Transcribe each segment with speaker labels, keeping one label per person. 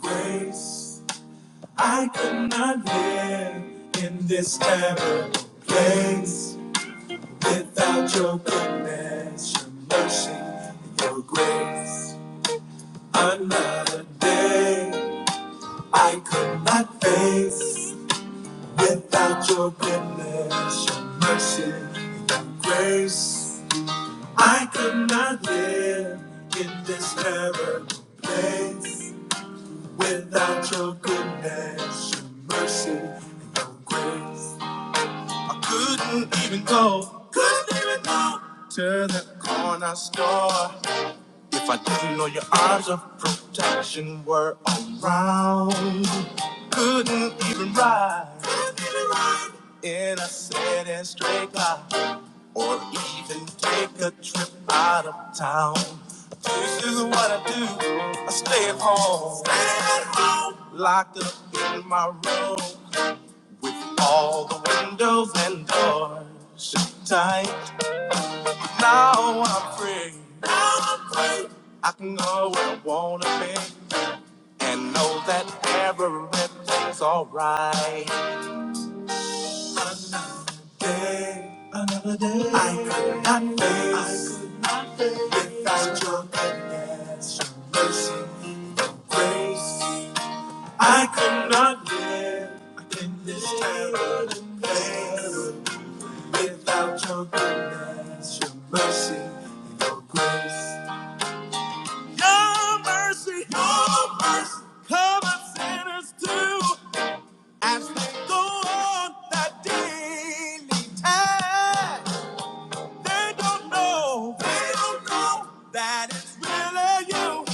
Speaker 1: grace. I could not live in this terrible place without your goodness, your mercy, and your grace. Another day I could not face without your goodness, your mercy, and your grace. I could not live in this terrible place Without your goodness, your mercy, and your grace, I couldn't even go, couldn't even go to the corner store if I didn't know your arms of protection were around. Couldn't even ride, couldn't even ride in a city straight line or even take a trip out of town. This is what I do. I stay at home. Stay at home. Locked up in my room with all the windows and doors shut tight. Now I'm free. Now I'm free. I can go where I wanna be and know that everything's alright. Day, another day. I could not face. Without your goodness, your mercy, your grace, I could not live in this terrible place. Without your goodness, your mercy, your grace, your mercy, your mercy, cover sinners too as they go on that daily task. They don't know, they don't know that it's really you.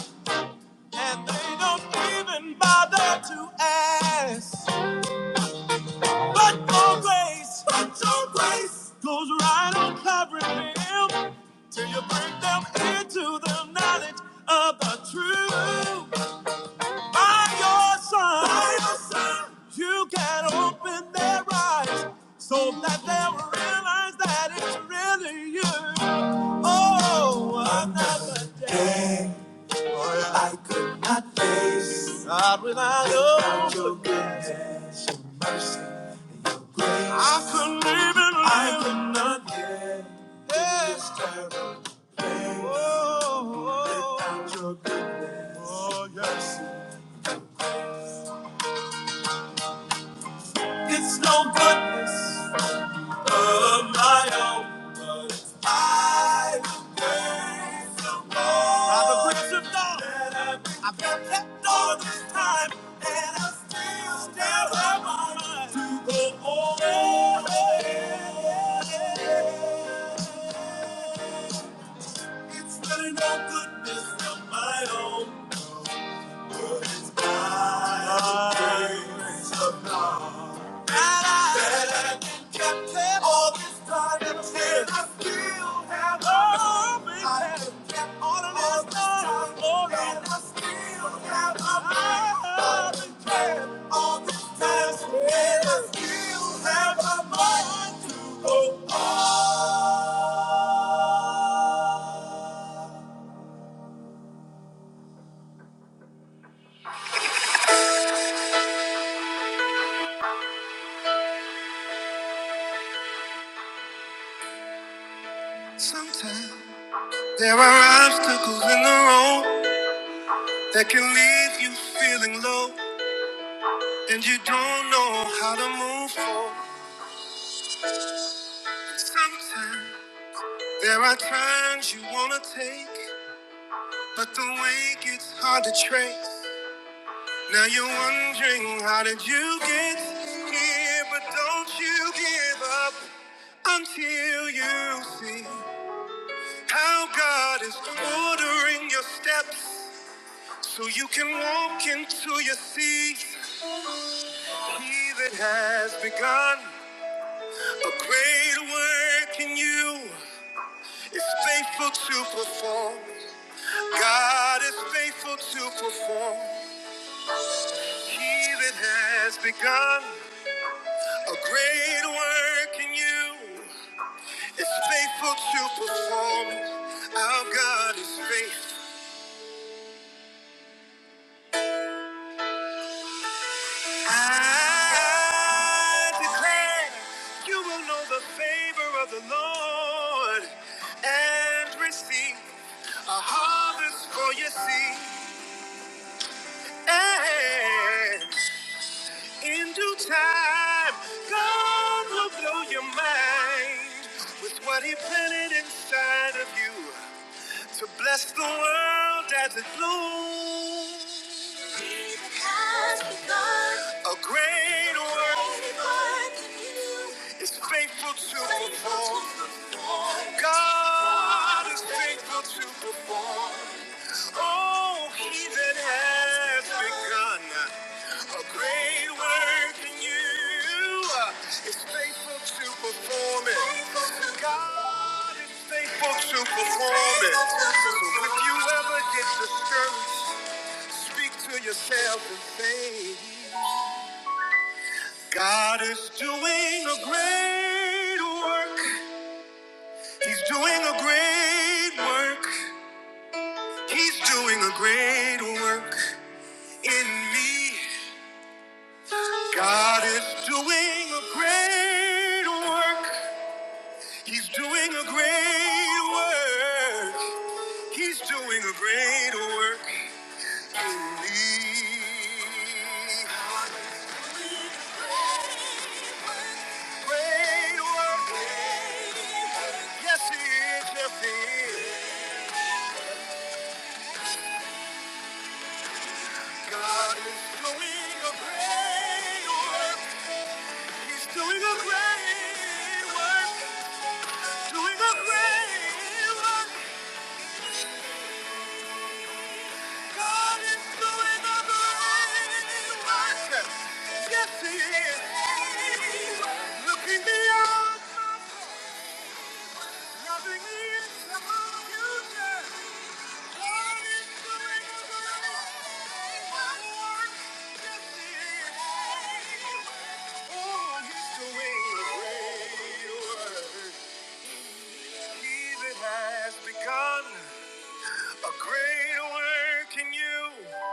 Speaker 1: And they don't even bother to ask. But your grace, but your grace goes right on covering them till you bring them into the knowledge of the truth. By your son, by your son, you can open their eyes so that they'll realize that it's really you. Oh, another day. I could not face God without you. your goodness, your mercy, and your grace. I couldn't even live. I could not get yeah. this terrible place. Whoa, whoa. Without your goodness, oh, yes. It's no goodness. of my own, but I will praise the Lord. By the grace of God, I've been kept all this time, and I still stand on my mind to the Lord. It's really no goodness of my own, but it's by the grace of God. Sometimes There are obstacles in the road that can leave you feeling low, and you don't know how to move forward. Sometimes. There are times you wanna take, but the way gets hard to trace. Now you're wondering how did you get here, but don't you give up until you see how God is ordering your steps so you can walk into your seat. He that has begun a great work in you is faithful to perform. God is faithful to perform. He that has begun a great work in you is faithful to perform. it. Our God is faithful. I declare you will know the favor of the Lord and receive a harvest for your seed. And In due time, God will blow your mind with what He planted inside of you to bless the world as it blooms. Be the cause God. A great work Great work in you. is faithful to Faithful to perform. perform. God is faithful to perform. Oh, he that has begun a great work in you is faithful to perform it. God is faithful to perform it. So if you ever get discouraged, speak to yourself and say, God is doing a great work. He's doing a great work. He's doing a great work in me. God is doing a great work. He's doing a great work. He's doing a great work in me. Great work. Yes, he is. Yes, he is. God is doing a great work. He's doing a great work. Doing a great work. God is doing a great work. Yes, He is. Looking beyond my faults, loving me future. God is doing a great work. Yes, He is. Oh, He's doing a great work. He that has begun a great work in you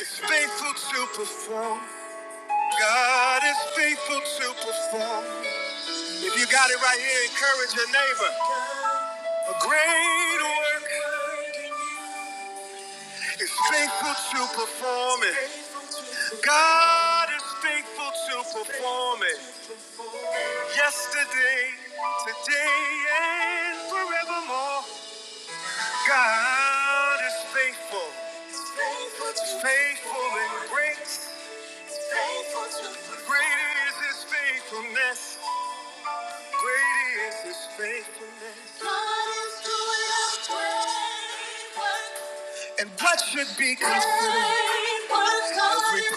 Speaker 1: is faithful to perform. God is faithful to perform. If you got it right here, encourage your neighbor. A great work is faithful to perform it. God is faithful to perform it. Yesterday, today, and forevermore. God is faithful. Faithful and great. Great is his faithfulness. Great is his faithfulness. God is doing a great work. And what should be considered as we God is proceed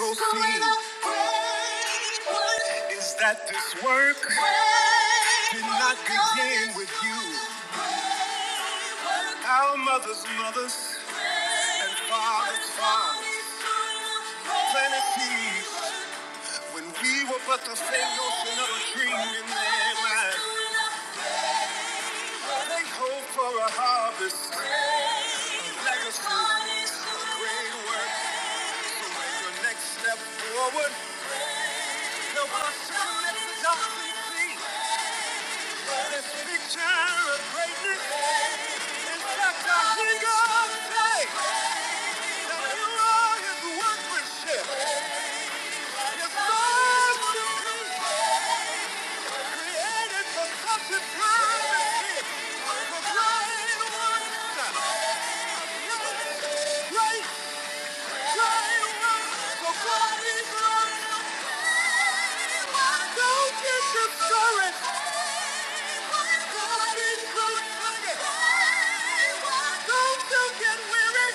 Speaker 1: great work. is that this work Great did not work. begin with you. Our mothers, mothers, and fathers, fathers, planet seeds, when we were but the faint notion of a dream in their mind. They hope for a harvest. Legacy. Great work to make your next step forward. No one question let the darkness see. But this picture of greatness is just a thing of faith. Nothing wrong is workmanship. It's love to be created for such a time as this. For great works. Great Don't you get weary.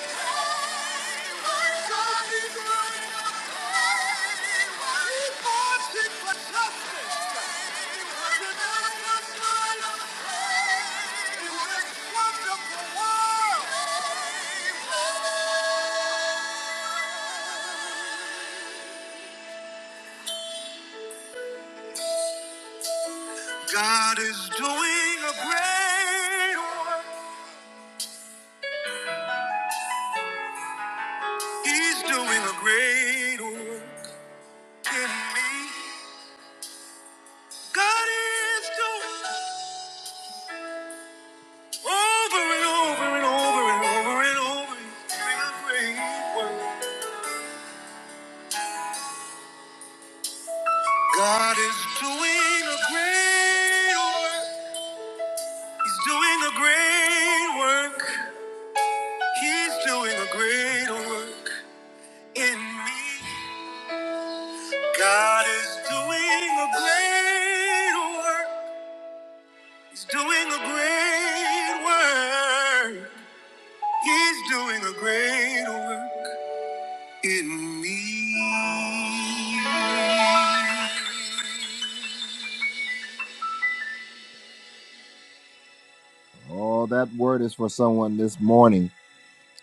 Speaker 1: Don't be God is doing a great work. He's doing a great work in me. God is doing Over and over and over and over and over. doing a great work. God is doing a great work. He's doing a great work. He's doing a great work in me. God is doing a great work. He's doing a great work. He's doing a great work in me. Oh, that word is for someone this morning.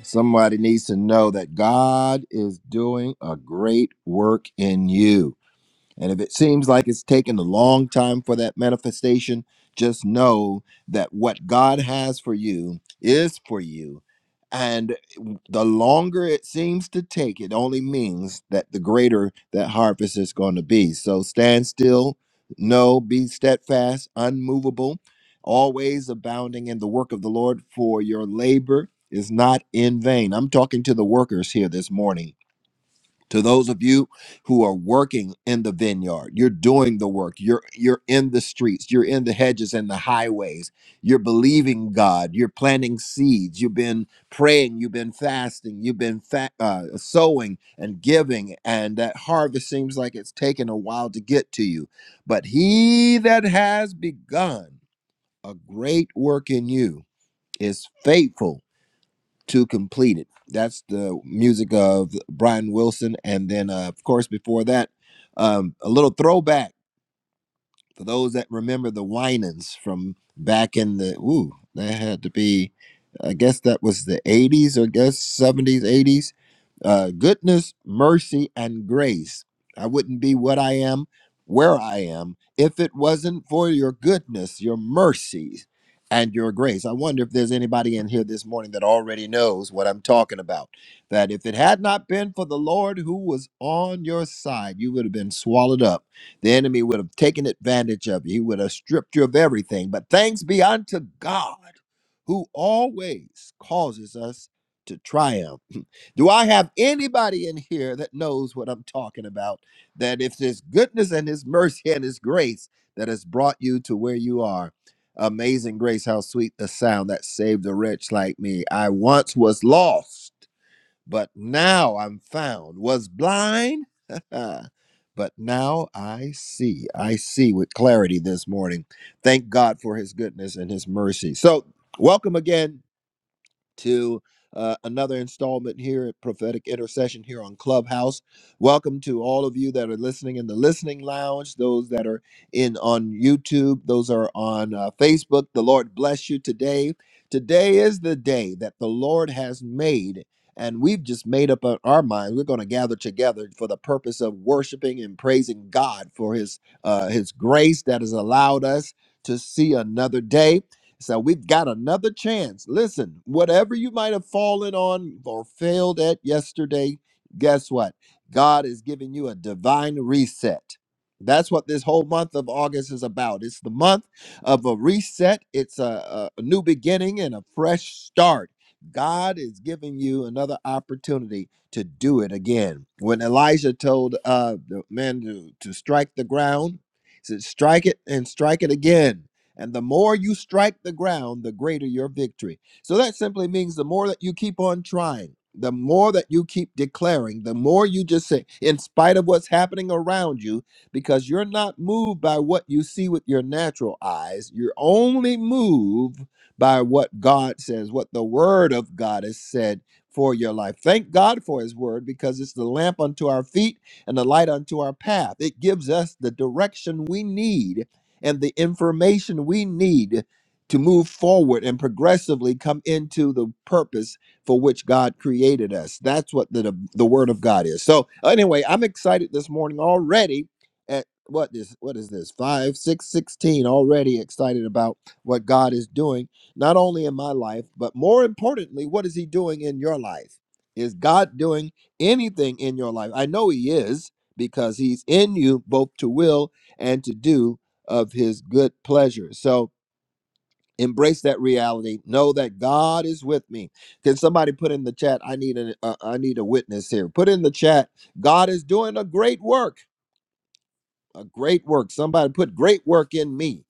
Speaker 1: Somebody needs to know that God is doing a great work in you. And if it seems like it's taken a long time for that manifestation, just know that what God has for you is for you. And the longer it seems to take, it only means that the greater that harvest is going to be. So stand still, know, be steadfast, unmovable, always abounding in the work of the Lord, for your labor is not in vain. I'm talking to the workers here this morning to those of you who are working in the vineyard you're doing the work you're you're in the streets you're in the hedges and the highways you're believing god you're planting seeds you've been praying you've been fasting you've been fa- uh, sowing and giving and that harvest seems like it's taken a while to get to you but he that has begun a great work in you is faithful to complete it. That's the music of Brian Wilson, and then uh, of course before that, um, a little throwback. For those that remember the Winans from back in the ooh, that had to be, I guess that was the '80s or guess '70s, '80s. Uh, goodness, mercy, and grace. I wouldn't be what I am, where I am, if it wasn't for your goodness, your mercy, and your grace. I wonder if there's anybody in here this morning that already knows what I'm talking about. That if it had not been for the Lord who was on your side, you would have been swallowed up the enemy would have taken advantage of you, he would have stripped you of everything. But thanks be unto God who always causes us to triumph. Do I have anybody in here that knows what I'm talking about? That if His goodness and His mercy and His grace that has brought you to where you are, amazing grace, how sweet the sound that saved a wretch like me. I once was lost but now I'm found, was blind, but now I see. I see with clarity this morning. Thank God for his goodness and his mercy. So, welcome again to uh, another installment here at Prophetic Intercession here on Clubhouse. Welcome to all of you that are listening in the listening lounge, those that are in on YouTube, those are on uh, Facebook. The Lord bless you today. Today is the day that the Lord has made. And we've just made up our our mind. We're going to gather together for the purpose of worshiping and praising God for His uh, His grace that has allowed us to see another day. So we've got another chance. Listen, whatever you might have fallen on or failed at yesterday, guess what? God is giving you a divine reset. That's what this whole month of August is about. It's the month of a reset, it's a, a new beginning and a fresh start. God is giving you another opportunity to do it again. When Elijah told uh, the man to, to strike the ground, he said, strike it and strike it again. And the more you strike the ground, the greater your victory. So that simply means the more that you keep on trying, the more that you keep declaring, the more you just say, in spite of what's happening around you, because you're not moved by what you see with your natural eyes. You're only moved by what God says, what the word of God has said for your life. Thank God for his word because it's the lamp unto our feet and the light unto our path. It gives us the direction we need and the information we need to move forward and progressively come into the purpose for which God created us. That's what the, the, the word of God is. So anyway, I'm excited this morning already at what is what is this? 5 6, 16. already excited about what God is doing not only in my life, but more importantly, what is he doing in your life? Is God doing anything in your life? I know he is because he's in you both to will and to do of his good pleasure. So embrace that reality. Know that God is with me. Can somebody put in the chat? I need an uh, I need a witness here. Put in the chat. God is doing a great work. A great work. Somebody put great work in me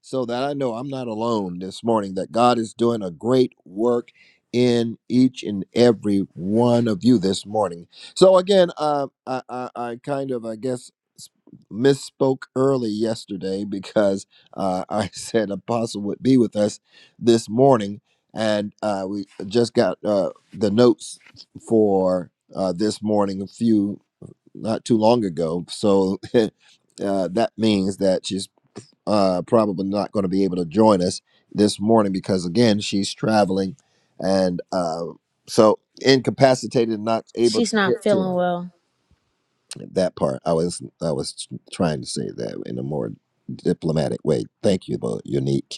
Speaker 1: so that I know I'm not alone this morning, that God is doing a great work in each and every one of you this morning. So again, uh, I, I, I kind of, I guess, s- misspoke early yesterday because uh, I said Apostle would be with us this morning. And uh, we just got uh, the notes for uh, this morning a few not too long ago. So uh, that means that she's uh, probably not going to be able to join us this morning because again she's traveling and uh, so incapacitated and not able
Speaker 2: She's
Speaker 1: to
Speaker 2: not
Speaker 1: get to
Speaker 2: feeling
Speaker 1: her
Speaker 2: well.
Speaker 1: that part i was i was trying to say that in a more diplomatic way thank you but unique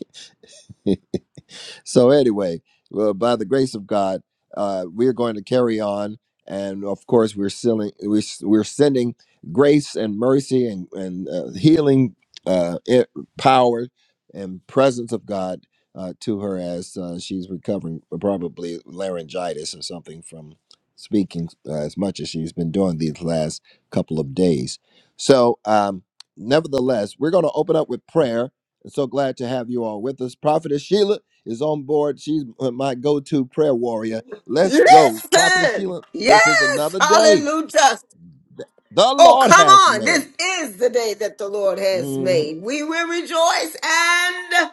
Speaker 1: so anyway, well, by the grace of God, uh, we're going to carry on, and of course, we're sending we're, we're sending grace and mercy and and uh, healing uh, it, power and presence of God uh, to her as uh, she's recovering probably laryngitis or something from speaking uh, as much as she's been doing these last couple of days. So, um, nevertheless, we're going to open up with prayer. I'm so glad to have you all with us, Prophetess Sheila is on board. She's my go to prayer warrior. Let's go. Prophetess
Speaker 3: Listen.
Speaker 1: Sheila, this is
Speaker 3: Yes.
Speaker 1: another day
Speaker 3: Hallelujah.
Speaker 1: the
Speaker 3: Oh,
Speaker 1: Lord
Speaker 3: come
Speaker 1: has
Speaker 3: on. This
Speaker 1: made.
Speaker 3: is the day that the Lord has
Speaker 1: Mhm.
Speaker 3: made. We will rejoice and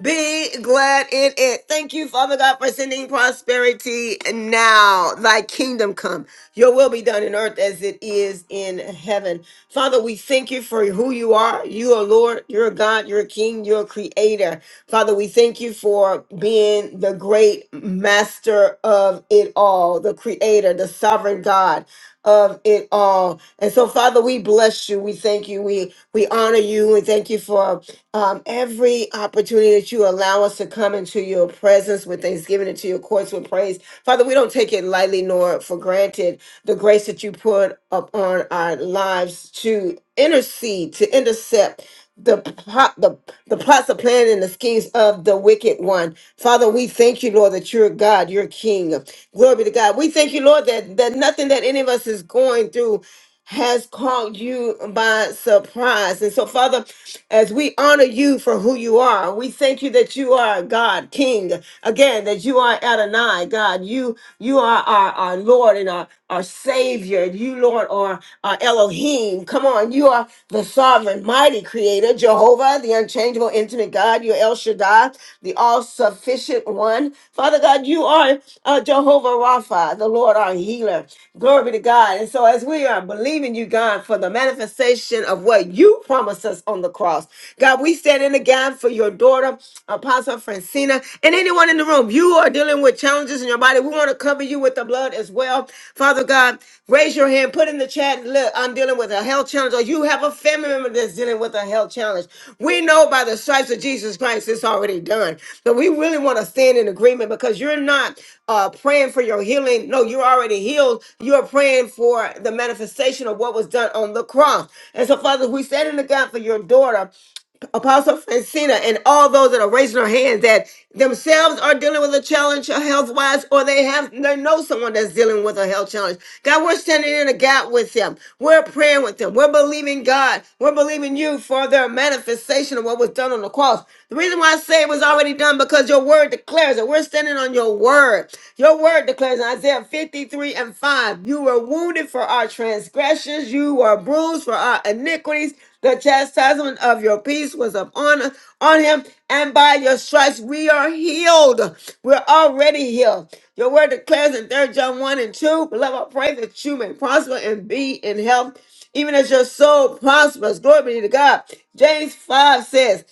Speaker 3: be glad in it. Thank you, Father God, for sending prosperity now. Thy kingdom come. Your will be done in earth as it is in heaven. Father, we thank you for who you are. You are Lord, you're a God, you're a King, you're a creator. Father, we thank you for being the great master of it all, the creator, the sovereign God of it all. And so, Father, we bless you. We thank you. We we honor you and thank you for um, every opportunity that you allow us to come into your presence with thanksgiving and to your courts with praise. Father, we don't take it lightly nor for granted the grace that you put upon our lives to intercede, to intercept the plot, the, the plots, the plan, and the schemes of the wicked one. Father, we thank you, Lord, that you're God, you're King. Glory to God. We thank you, Lord, that, that nothing that any of us is going through has caught you by surprise. And so, Father, as we honor you for who you are, we thank you that you are God, King. Again, that you are Adonai, God. You you are our, our Lord and our, our Savior. You, Lord, are our Elohim. Come on, you are the sovereign, mighty creator, Jehovah, the unchangeable, intimate God. You're El Shaddai the all sufficient one. Father God, you are uh, Jehovah Rapha, the Lord our healer. Glory to God. And so, as we are believing you, God, for the manifestation of what you promised us on the cross, God, we stand in the gap for your daughter, Apostle Francina, and anyone in the room. You are dealing with challenges in your body. We want to cover you with the blood as well. Father. Father God, raise your hand, put in the chat, look, I'm dealing with a health challenge, or you have a family member that's dealing with a health challenge. We know by the stripes of Jesus Christ, it's already done. But we really want to stand in agreement because you're not uh, praying for your healing. No, you're already healed. You're praying for the manifestation of what was done on the cross. And so, Father, we stand in the God for your daughter. Apostle Francina, and all those that are raising their hands that themselves are dealing with a challenge health wise, or they have they know someone that's dealing with a health challenge. God, we're standing in a gap with them. We're praying with them. We're believing God. We're believing you for their manifestation of what was done on the cross. The reason why I say it was already done because your word declares it. We're standing on your word. Your word declares in Isaiah 53 and 5, you were wounded for our transgressions, you were bruised for our iniquities. The chastisement of your peace was upon us, on him, and by your stripes we are healed. We're already healed. Your word declares in Third John 1 and 2, beloved, I pray that you may prosper and be in health, even as your soul prospers. Glory be to God. James 5 says,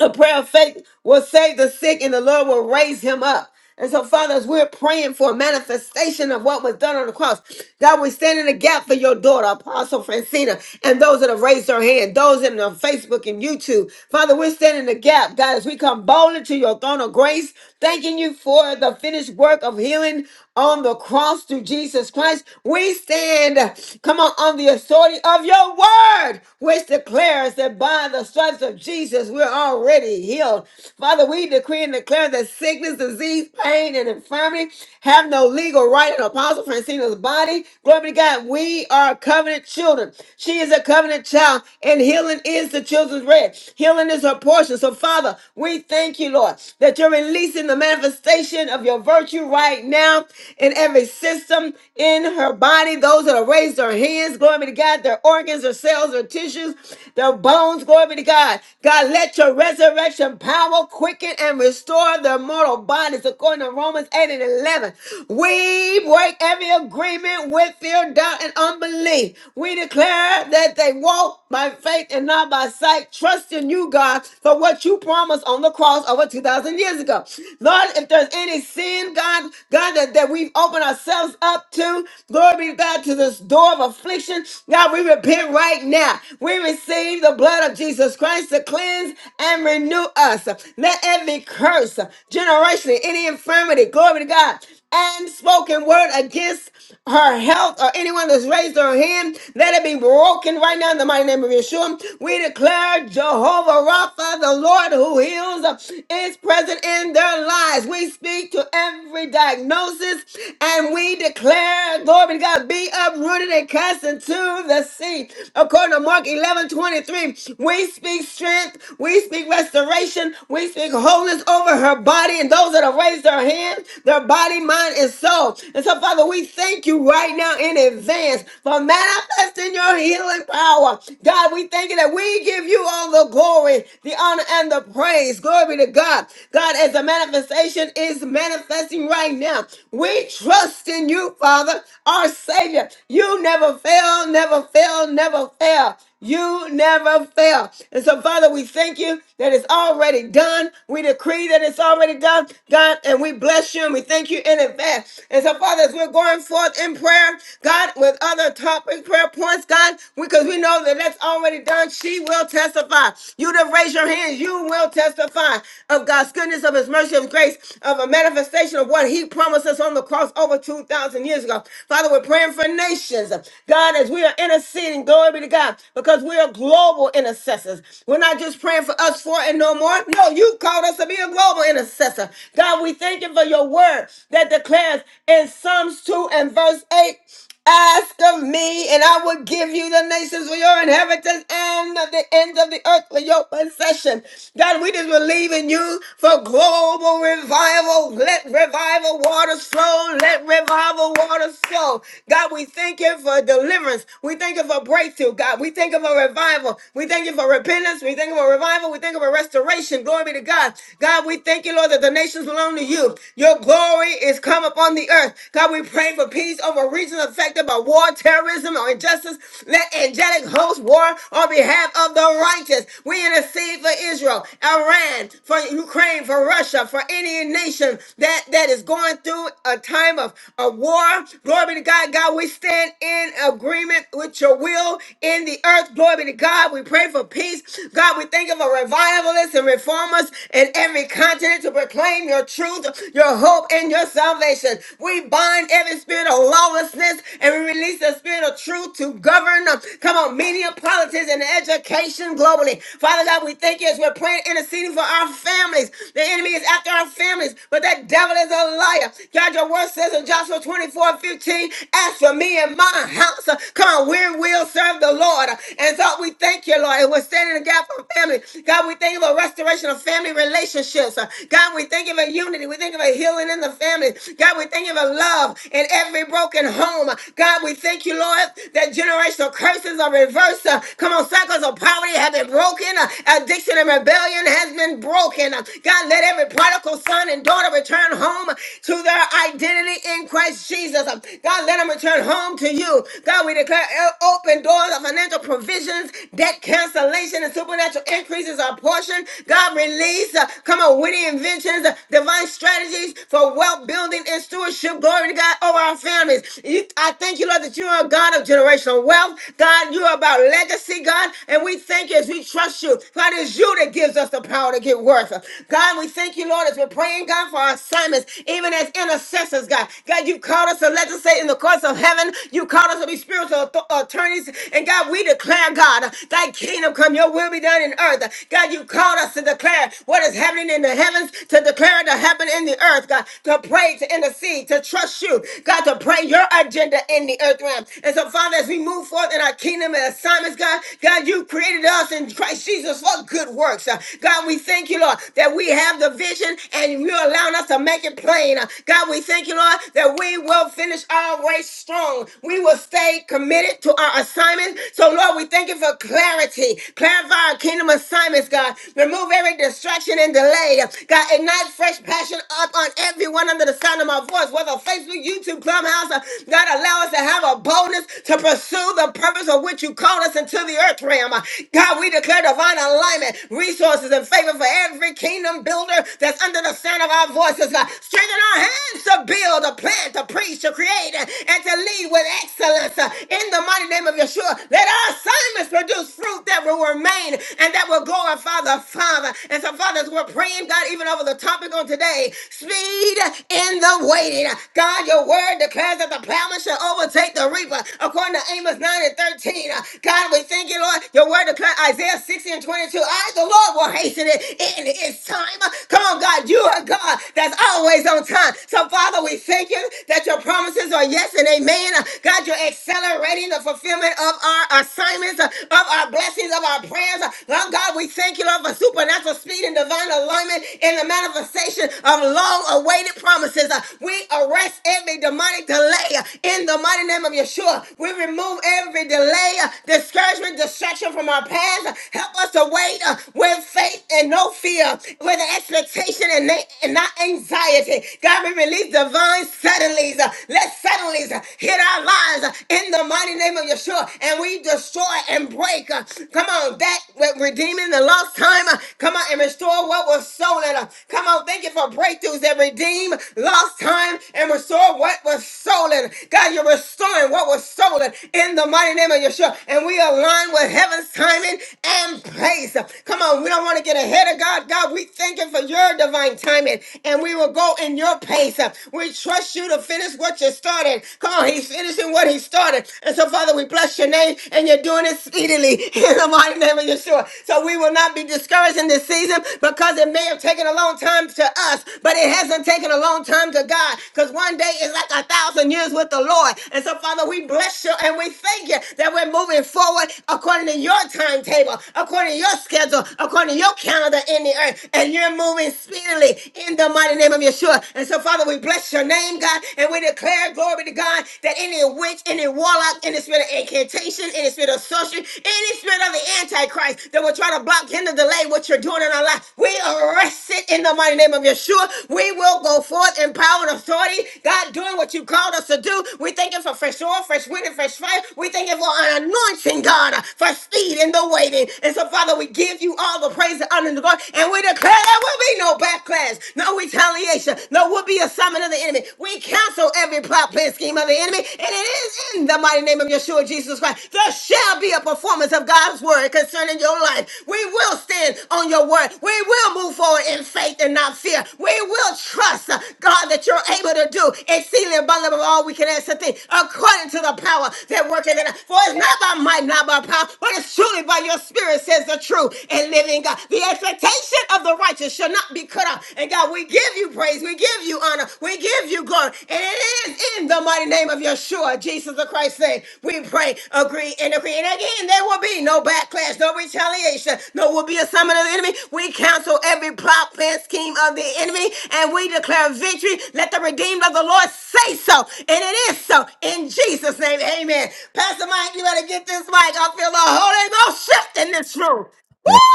Speaker 3: a prayer of faith will save the sick and the Lord will raise him up. And so, Father, as we're praying for a manifestation of what was done on the cross, God, we stand in the gap for your daughter, Apostle Francina, and those that have raised their hand, those in on Facebook and YouTube. Father, we're standing in the gap, God, as we come boldly to your throne of grace, thanking you for the finished work of healing on the cross through Jesus Christ. We stand, come on, on the authority of your word, which declares that by the stripes of Jesus, we're already healed. Father, we decree and declare that sickness, disease, pain, and infirmity have no legal right in Apostle Francina's body. Glory be to God. We are covenant children. She is a covenant child, and healing is the children's bread. Healing is her portion. So, Father, we thank you, Lord, that you're releasing the manifestation of your virtue right now now in every system in her body. Those that have raised their hands, glory be to God, their organs, their cells, their tissues, their bones, glory be to God. God, let your resurrection power quicken and restore their mortal bodies according to Romans 8 and 11. We break every agreement with fear, doubt, and unbelief. We declare that they walk by faith and not by sight, trusting you, God, for what you promised on the cross over 2,000 years ago. Lord, if there's any sin, God, God, that, that we've opened ourselves up to, glory be to God, to this door of affliction, God, we repent right now. We receive the blood of Jesus Christ to cleanse and renew us. Let every curse, generation, any infirmity, glory to God, and spoken word against her health or anyone that's raised their hand, let it be broken right now in the mighty name of Yeshua. We declare Jehovah Rapha, the Lord who heals, is present in their lives. We speak to every diagnosis and we declare, glory be to God, be uprooted and cast into the sea. According to Mark eleven twenty three, we speak strength, we speak restoration, we speak wholeness over her body and those that have raised their hands their hands, their body, mind, and soul. And so, Father, we thank you right now in advance for manifesting your healing power. God, we thank you that we give you all the glory, the honor, and the praise. Glory be to God. God, as the manifestation is manifesting right now, we trust in you, Father, our Savior. You never fail, never fail, never fail. You never fail. And so, Father, we thank you that it's already done. We decree that it's already done, God, and we bless you and we thank you in advance. And so, Father, as we're going forth in prayer, God, with other topic prayer points, God, because we know that that's already done. She will testify. You to raise your hand, you will testify of God's goodness, of His mercy, of His grace, of a manifestation of what He promised us on the cross over 2,000 years ago. Father, we're praying for nations. God, as we are interceding, Glory be to God. Because we are global intercessors. We're not just praying for us for and no more. No, you called us to be a global intercessor. God, we thank you for your word that declares in Psalms 2 and verse 8. Ask of me, and I will give you the nations for your inheritance and the ends of the earth for your possession. God, we just believe in you for global revival. Let revival waters flow. Let revival waters flow. God, we thank you for deliverance. We we thank you for breakthrough, God. We thank you for revival. We thank you for repentance. We thank you for revival. We thank you for restoration. Glory be to God. God, we thank you, Lord, that the nations belong to you. Your glory is come upon the earth. God, we pray for peace over regions affected by war, terrorism, or injustice. Let angelic hosts war on behalf of the righteous. We intercede for Israel, Iran, for Ukraine, for Russia, for any nation that, that is going through a time of a war. Glory be to God. God, we stand in agreement with your will in the earth. Glory be to God. We pray for peace. God, we thank you for revivalists and reformers in every continent to proclaim your truth, your hope, and your salvation. We bind every spirit of lawlessness and we release the spirit of truth to govern. uh, Come on, media, politics, and education globally. Father God, we thank you as we're praying, interceding for our families. The enemy is after our families, but that devil is a liar. God, your word says in Joshua twenty-four fifteen. 15, ask for me for me and my house. Uh, Come on, we will serve the Lord. Uh, And so we thank you, Lord. And we're standing in the gap for family. God, we thank you for restoration of family relationships. Uh, God, we thank you for unity. We thank you for healing in the family. God, we thank you for love in every broken home. Uh, God, we thank you, Lord, that generational curses are reversed. Uh, Come on, cycles of poverty have been broken. Uh, Addiction and rebellion has been broken. Uh, God, let every prodigal son and daughter return home to their identity in Christ Jesus. Um, God, God, let them return home to you. God, we declare el- open doors of financial provisions, debt cancellation, and supernatural increases are portion. God, release, uh, come on, witty inventions, uh, divine strategies for wealth building and stewardship. Glory to God over our families. You- I thank you, Lord, that you are a God of generational wealth. God, you are about legacy, God, and we thank you as we trust you. God, it's you that gives us the power to get worth. God, we thank you, Lord, as we're praying, God, for our assignments, even as intercessors, God. God, you come called us to legislate in the courts of heaven. You called us to be spiritual auth- attorneys. And God, we declare, God, thy kingdom come, your will be done in earth. God, you called us to declare what is happening in the heavens, to declare it to happen in the earth, God, to pray, to intercede, to trust you, God, to pray your agenda in the earth realm. And so, Father, as we move forth in our kingdom and assignments, God, God, you created us in Christ Jesus for good works. Uh, God, we thank you, Lord, that we have the vision and you're allowing us to make it plain. Uh, God, we thank you, Lord working on, that we will finish our race strong. We will stay committed to our assignment. So, Lord, we thank you for clarity. Clarify our kingdom assignments, God. Remove every distraction and delay. God, ignite fresh passion up on everyone under the sound of my voice, whether Facebook, YouTube, Clubhouse. uh, God, allow us to have a boldness to pursue the purpose of which you called us into the earth realm. Uh, God, we declare divine alignment, resources, and favor for every kingdom builder that's under the sound of our voices, God. Strengthen our hands hands to build, to plant, to preach, to create, uh, and to lead with excellence. uh, In the mighty name of Yeshua, let our assignments produce fruit that will remain and that will glorify the Father. And so, fathers, we're praying, God, even over the topic on today speed in the waiting. God, your word declares that the plowman shall overtake the reaper, according to Amos 9 and 13. Uh, God, we thank you, Lord. Your word declares Isaiah 60 and 22. I, the Lord, will hasten it in his time. Come on, God, you are God that's always on time. So, Father, we thank you that your promises are yes and amen. Uh, God, you're accelerating the fulfillment of our assignments, uh, of our blessings, of our prayers. Uh, Lord God, we thank you, Lord, for supernatural speed and divine alignment in the manifestation of long awaited promises. Uh, We arrest every demonic delay uh, in the mighty name of Yeshua. We remove every delay, uh, discouragement, distraction from our path. Uh, Help us to wait uh, with faith and no fear, with expectation and, and not anxiety. God, we release divine suddenlies. Uh, Let suddenlies uh, hit our lives uh, in the mighty name of Yeshua, and we destroy and break. uh, Come on, that with redeeming the lost time. uh, Come on, and restore what was stolen. uh, Come on, thank you for breakthroughs that redeem lost time and restore what was stolen. God, you're restoring what was stolen in the mighty name of Yeshua, and we align with heaven's timing and place. Uh, Come on, we don't want to get ahead of God. God, we thank you for your your divine timing, and we will go in your pace. We trust you to finish what you started. Come on, he's finishing what he started. And so, Father, we bless your name, and you're doing it speedily in the mighty name of Yeshua. So we will not be discouraged in this season because it may have taken a long time to us, but it hasn't taken a long time to God because one day is like a thousand years with the Lord. And so, Father, we bless you and we thank you that we're moving forward according to your timetable, according to your schedule, according to your calendar in the earth and you're moving speedily in the mighty name of Yeshua. And so, Father, we bless your name, God, and we declare glory to God that any witch, any warlock, any spirit of incantation, any spirit of sorcery, any spirit of the Antichrist that will try to block, hinder, delay what you're doing in our life, we arrest it in the mighty name of Yeshua. We will go forth in power and authority, God, doing what you called us to do. We thank you for fresh oil, fresh wind, and fresh fire. We thank you for an anointing, God, for speed in the waiting. And so, Father, we give you all the praise and honor and the children to God. And we declare there will be no backlash, no retaliation, no will be assignment of the enemy. We cancel every plot, plan, scheme of the enemy. And it is in the mighty name of Yeshua Jesus Christ. There shall be a performance of God's word concerning your life. We will stand on your word. We will move forward in faith and not fear. We will trust uh, God that you're able to do exceedingly abundantly above all we can ask to think according to the power that worketh in us. For it's not by might, not by power, but it's truly by your spirit, says the true and living living, God. The expectation of the righteous shall not be cut off. And God, we give you praise. We give you honor. We give you glory. And it is in the mighty name of Yeshua, Jesus the Christ, name. We pray, agree, and agree. And again, there will be no backlash, no retaliation, no will be a summon of the enemy. We cancel every plot, plan, scheme of the enemy, and we declare victory. Let the redeemed of the Lord say so. And it is so. In Jesus' name, amen. Pastor Mike, you better get this mic. I feel the Holy Ghost shift in this room.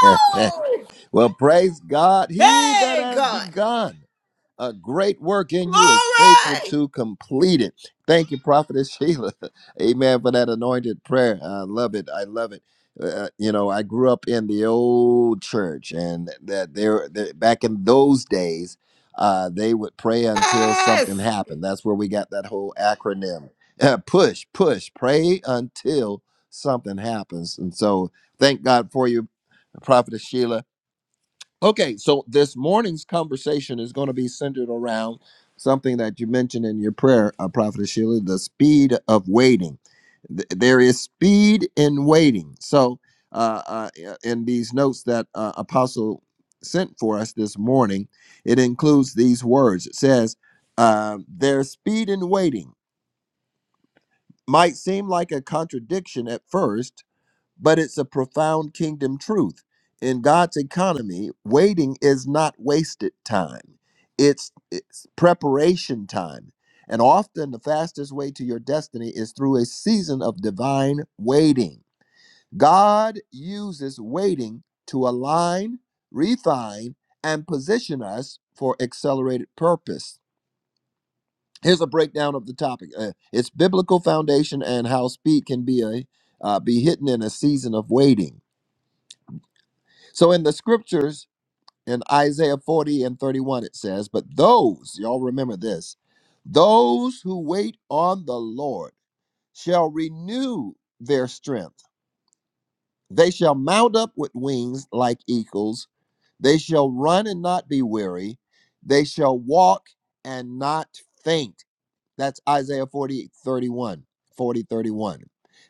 Speaker 1: well, praise God. He that
Speaker 3: Hey,
Speaker 1: has
Speaker 3: God.
Speaker 1: begun. a great work in you is faithful
Speaker 3: Glory.
Speaker 1: to complete it. Thank you, Prophetess Sheila. Amen for that anointed prayer. I love it. I love it. Uh, uh, you know, I grew up in the old church, and that there that back in those days, uh, they would pray until something
Speaker 3: Yes.
Speaker 1: happened. That's where we got that whole acronym: Uh, push, push, pray until something happens. And so, thank God for you, Prophetess Sheila Okay, so this morning's conversation is going to be centered around something that you mentioned in your prayer, uh, Prophet Sheila, the speed of waiting. Th- there is speed in waiting. So, uh, uh, i- in these notes that uh, Apostle sent for us this morning, it includes these words. It says, uh, "There's speed in waiting." Might seem like a contradiction at first, but it's a profound kingdom truth. In God's economy, waiting is not wasted time, it's, it's preparation time. And often the fastest way to your destiny is through a season of divine waiting. God uses waiting to align, refine, and position us for accelerated purpose. Here's a breakdown of the topic. Uh, it's biblical foundation and how speed can be a uh, be hidden in a season of waiting So in the scriptures, in Isaiah 40 and 31, it says, But those, y'all remember this, those who wait on the Lord shall renew their strength. They shall mount up with wings like eagles. They shall run and not be weary. They shall walk and not faint. That's Isaiah 40 31, 40 31.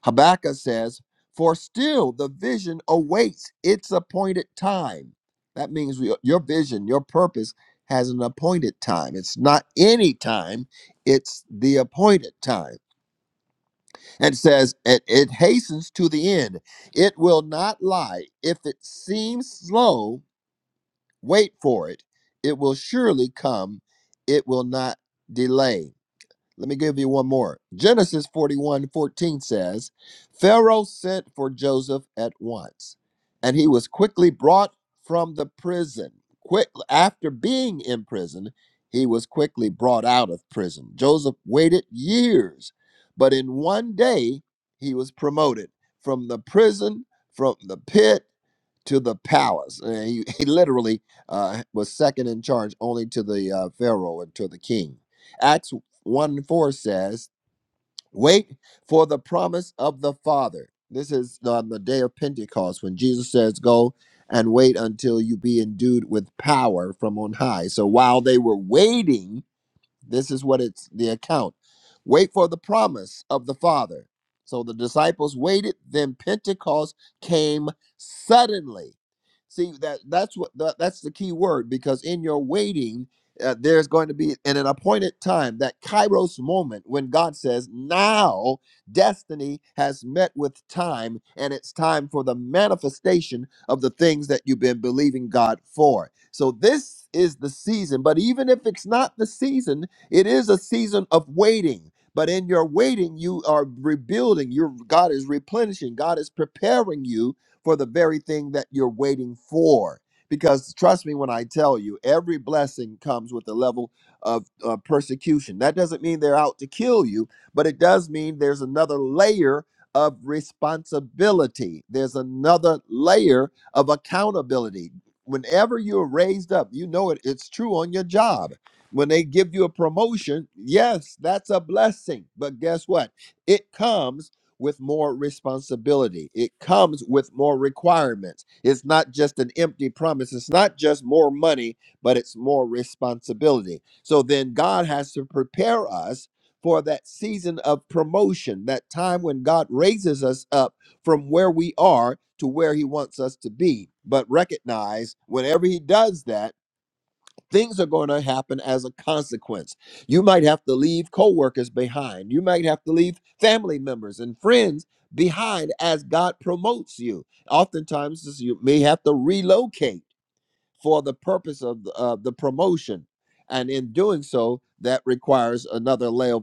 Speaker 1: Habakkuk says, For still the vision awaits its appointed time. That means we, your vision, your purpose has an appointed time. It's not any time, it's the appointed time. And it says, it, it hastens to the end. It will not lie. If it seems slow, wait for it. It will surely come. It will not delay let me give you one more. Genesis 41 14 says, Pharaoh sent for Joseph at once, and he was quickly brought from the prison. Quick after being in prison, he was quickly brought out of prison. Joseph waited years, but in one day he was promoted from the prison, from the pit to the palace. And he, he literally uh, was second in charge only to the uh, Pharaoh and to the king. Acts 1 4 says, Wait for the promise of the Father. This is on the day of Pentecost when Jesus says, Go and wait until you be endued with power from on high. So while they were waiting, this is what it's the account. Wait for the promise of the Father. So the disciples waited, then Pentecost came suddenly. See that that's what that, that's the key word because in your waiting uh, there's going to be in an appointed time that kairos moment when God says now destiny has met with time and it's time for the manifestation of the things that you've been believing God for. So this is the season, but even if it's not the season, it is a season of waiting, but in your waiting, you are rebuilding. Your God is replenishing. God is preparing you for the very thing that you're waiting for. Because trust me when I tell you, every blessing comes with a level of uh, persecution. That doesn't mean they're out to kill you, but it does mean there's another layer of responsibility. There's another layer of accountability. Whenever you're raised up, you know it, it's true on your job when they give you a promotion, yes, that's a blessing. But guess what? It comes with more responsibility. It comes with more requirements. It's not just an empty promise. It's not just more money, but it's more responsibility. So then God has to prepare us for that season of promotion, that time when God raises us up from where we are to where He wants us to be. But recognize whenever He does that, things are going to happen as a consequence. You might have to leave coworkers behind. You might have to leave family members and friends behind as God promotes you. Oftentimes, you may have to relocate for the purpose of the, of the promotion. And in doing so, that requires another layer,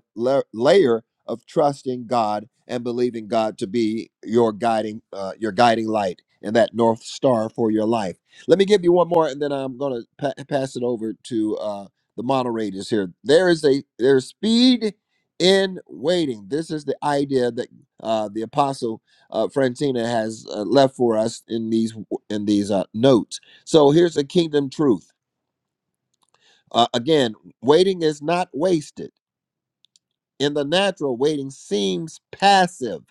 Speaker 1: layer of trusting God and believing God to be your guiding, uh, your guiding light and that north star for your life. Let me give you one more, and then I'm going to pa- pass it over to uh, the moderators here. There is a there's speed in waiting. This is the idea that uh, the apostle uh, Francina has uh, left for us in these in these uh, notes so here's a kingdom truth. Uh, again, waiting is not wasted. In the natural, waiting seems passive.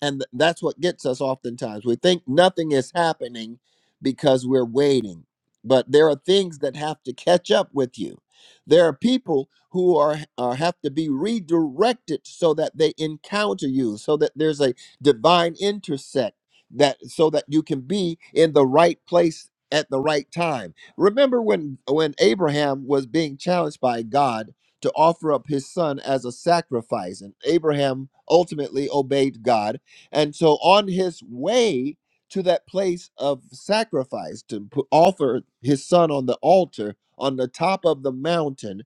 Speaker 1: And th- that's what gets us oftentimes. We think nothing is happening because we're waiting. But there are things that have to catch up with you. There are people who are, are have to be redirected so that they encounter you, so that there's a divine intersect that so that you can be in the right place at the right time. Remember when when Abraham was being challenged by God to offer up his son as a sacrifice and Abraham ultimately obeyed God and so on his way to that place of sacrifice to put, offer his son on the altar on the top of the mountain,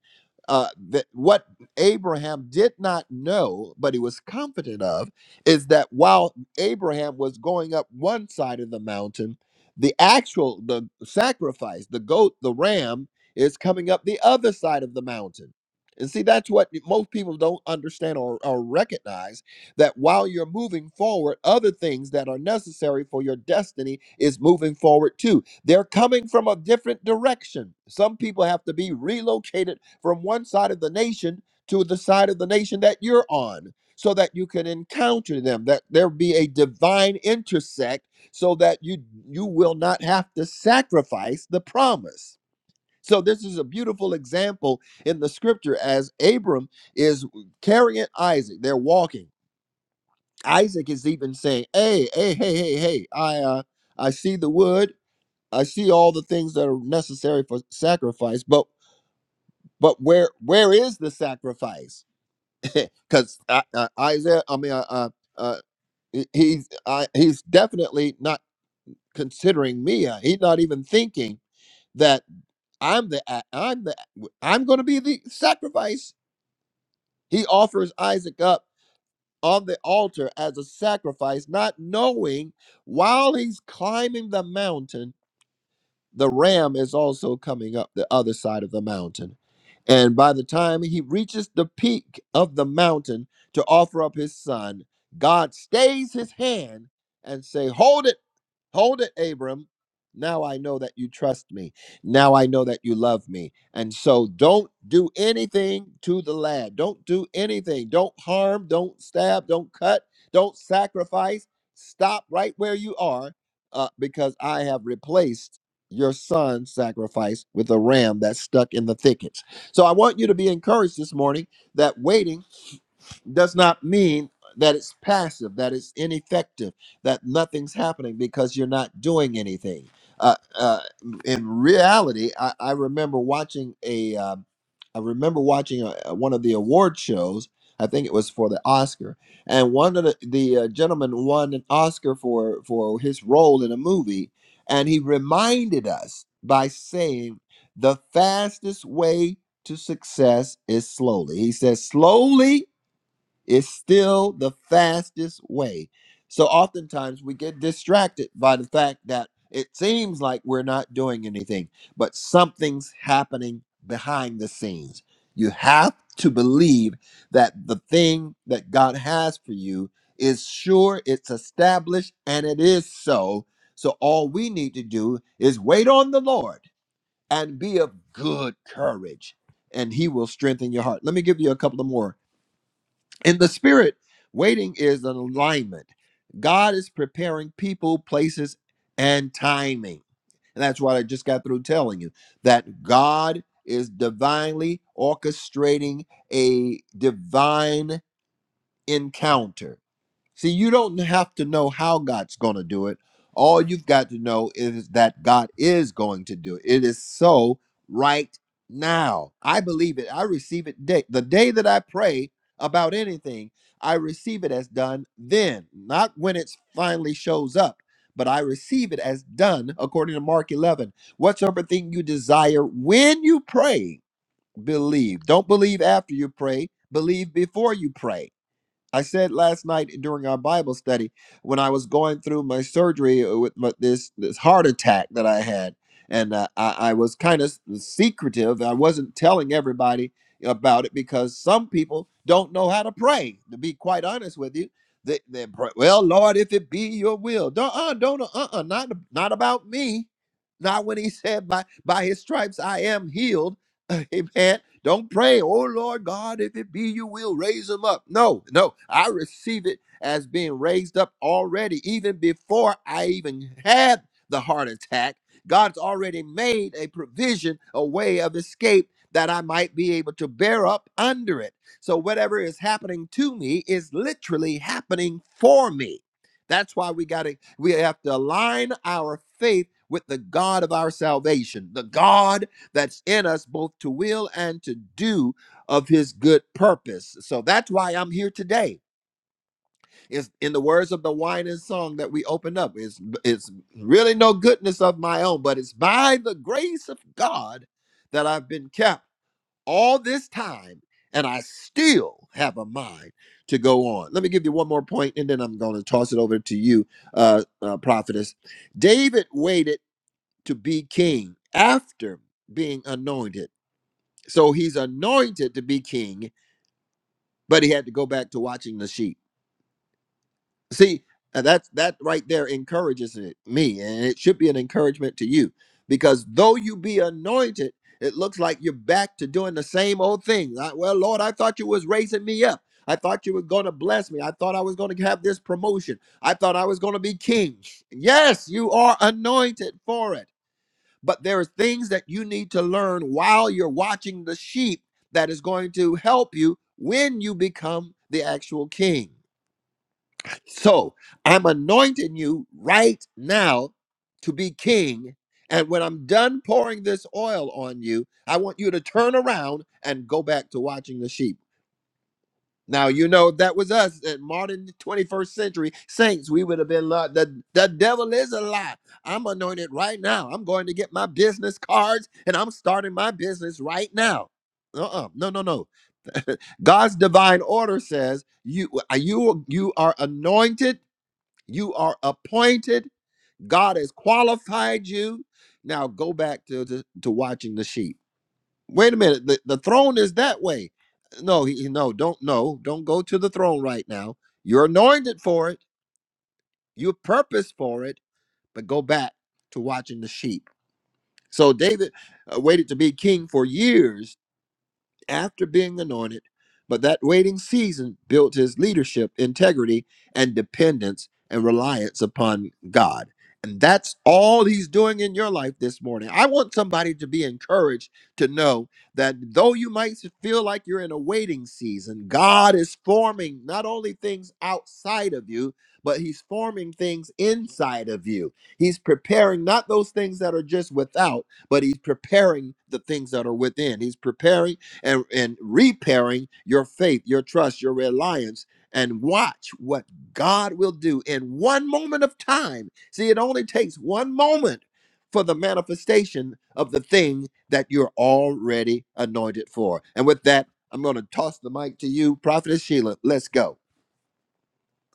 Speaker 1: uh, that what Abraham did not know, but he was confident of, is that while Abraham was going up one side of the mountain, the actual the sacrifice, the goat, the ram, is coming up the other side of the mountain. And see, that's what most people don't understand or, or recognize that while you're moving forward, other things that are necessary for your destiny is moving forward too. They're coming from a different direction. Some people have to be relocated from one side of the nation to the side of the nation that you're on so that you can encounter them that there be a divine intersect so that you you will not have to sacrifice the promise so this is a beautiful example in the scripture as abram is carrying isaac they're walking Isaac is even saying, "Hey, hey, hey, hey, hey! I, uh, I see the wood. I see all the things that are necessary for sacrifice. But, but where, where is the sacrifice? Because uh, uh, Isaac, I mean, uh, uh, uh, he- he's, I, he's definitely not considering me. Uh, He's not even thinking that I'm the, a- I'm the, I'm going to be the sacrifice. He offers Isaac up." on the altar as a sacrifice, not knowing while he's climbing the mountain, the ram is also coming up the other side of the mountain. And by the time he reaches the peak of the mountain to offer up his son, God stays his hand and say, "Hold it Hold it, Abram. Now I know that you trust me. Now I know that you love me. And so don't do anything to the lad. Don't do anything. Don't harm. Don't stab. Don't cut. Don't sacrifice. Stop right where you are uh, because I have replaced your son's sacrifice with a ram that's stuck in the thickets. So I want you to be encouraged this morning that waiting does not mean that it's passive, that it's ineffective, that nothing's happening because you're not doing anything. Uh, uh, in reality, I, I remember watching a, um, I remember watching a, a- one of the award shows. I think it was for the Oscar, and one of the, the uh, gentlemen won an Oscar for for his role in a movie, and he reminded us by saying, "The fastest way to success is slowly." He says, "Slowly." It's still the fastest way. So oftentimes we get distracted by the fact that it seems like we're not doing anything, but something's happening behind the scenes. You have to believe that the thing that God has for you is sure, it's established, and it is so. So all we need to do is wait on the Lord and be of good courage, and He will strengthen your heart. Let me give you a couple of more. In the spirit, waiting is an alignment. God is preparing people, places, and timing. And that's what I just got through telling you that God is divinely orchestrating a divine encounter. See, you don't have to know how God's going to do it. All you've got to know is that God is going to do it. It is so right now. I believe it. I receive it day, the day that I pray about anything. I receive it as done then, not when it finally shows up, but I receive it as done according to Mark 11. Whatsoever thing you desire when you pray, believe. Don't believe after you pray, believe before you pray I said last night during our Bible study when I was going through my surgery uh, with my, this this heart attack that I had, and uh, I, I was kind of secretive. I wasn't telling everybody about it because some people don't know how to pray. To be quite honest with you, they, they pray, well, Lord, if it be Your will, don't uh, don't uh, uh not not about me. Not when He said by by His stripes I am healed Amen. Don't pray, oh Lord God, if it be you will, raise him up. No, no, I receive it as being raised up already, even before I even had the heart attack. God's already made a provision, a way of escape that I might be able to bear up under it. So whatever is happening to me is literally happening for me. That's why we got to we have to align our faith with the God of our salvation, the God that's in us both to will and to do of his good purpose. So that's why I'm here today. It's in the words of the wine and song that we opened up. It's it's really no goodness of my own, but it's by the grace of God that I've been kept all this time and I still have a mind to go on. Let me give you one more point and then I'm going to toss it over to you uh, uh prophetess. David waited to be king after being anointed so he's anointed to be king, but he had to go back to watching the sheep. See, uh, that's that right there encourages it, me, and it should be an encouragement to you because though you be anointed, it looks like you're back to doing the same old thing. Like, well, Lord, I thought you was raising me up. I thought you were going to bless me. I thought I was going to have this promotion. I thought I was going to be king. Yes, you are anointed for it but there are things that you need to learn while you're watching the sheep that is going to help you when you become the actual king. So I'm anointing you right now to be king. And when I'm done pouring this oil on you, I want you to turn around and go back to watching the sheep. Now you know that was us at modern 21st century saints. We would have been like the the devil is a lie. I'm anointed right now. I'm going to get my business cards and I'm starting my business right now. Uh-uh. No, no, no. God's divine order says you uh, you you are anointed, you are appointed. God has qualified you. Now go back to to, to watching the sheep. Wait a minute. The, the throne is that way. No, he, he- no, don't no, don't go to the throne right now. You're anointed for it. You purpose for it, but go back to watching the sheep. So David uh, waited to be king for years after being anointed, but that waiting season built his leadership, integrity, and dependence and reliance upon God. And that's all he's doing in your life this morning. I want somebody to be encouraged to know that though you might feel like you're in a waiting season, God is forming not only things outside of you, but he's forming things inside of you. He's preparing not those things that are just without, but he's preparing the things that are within. He's preparing and, and repairing your faith, your trust, your reliance, and watch what God will do in one moment of time. See, it only takes one moment for the manifestation of the thing that you're already anointed for. And with that, I'm going to toss the mic to you, Prophetess Sheila. Let's go.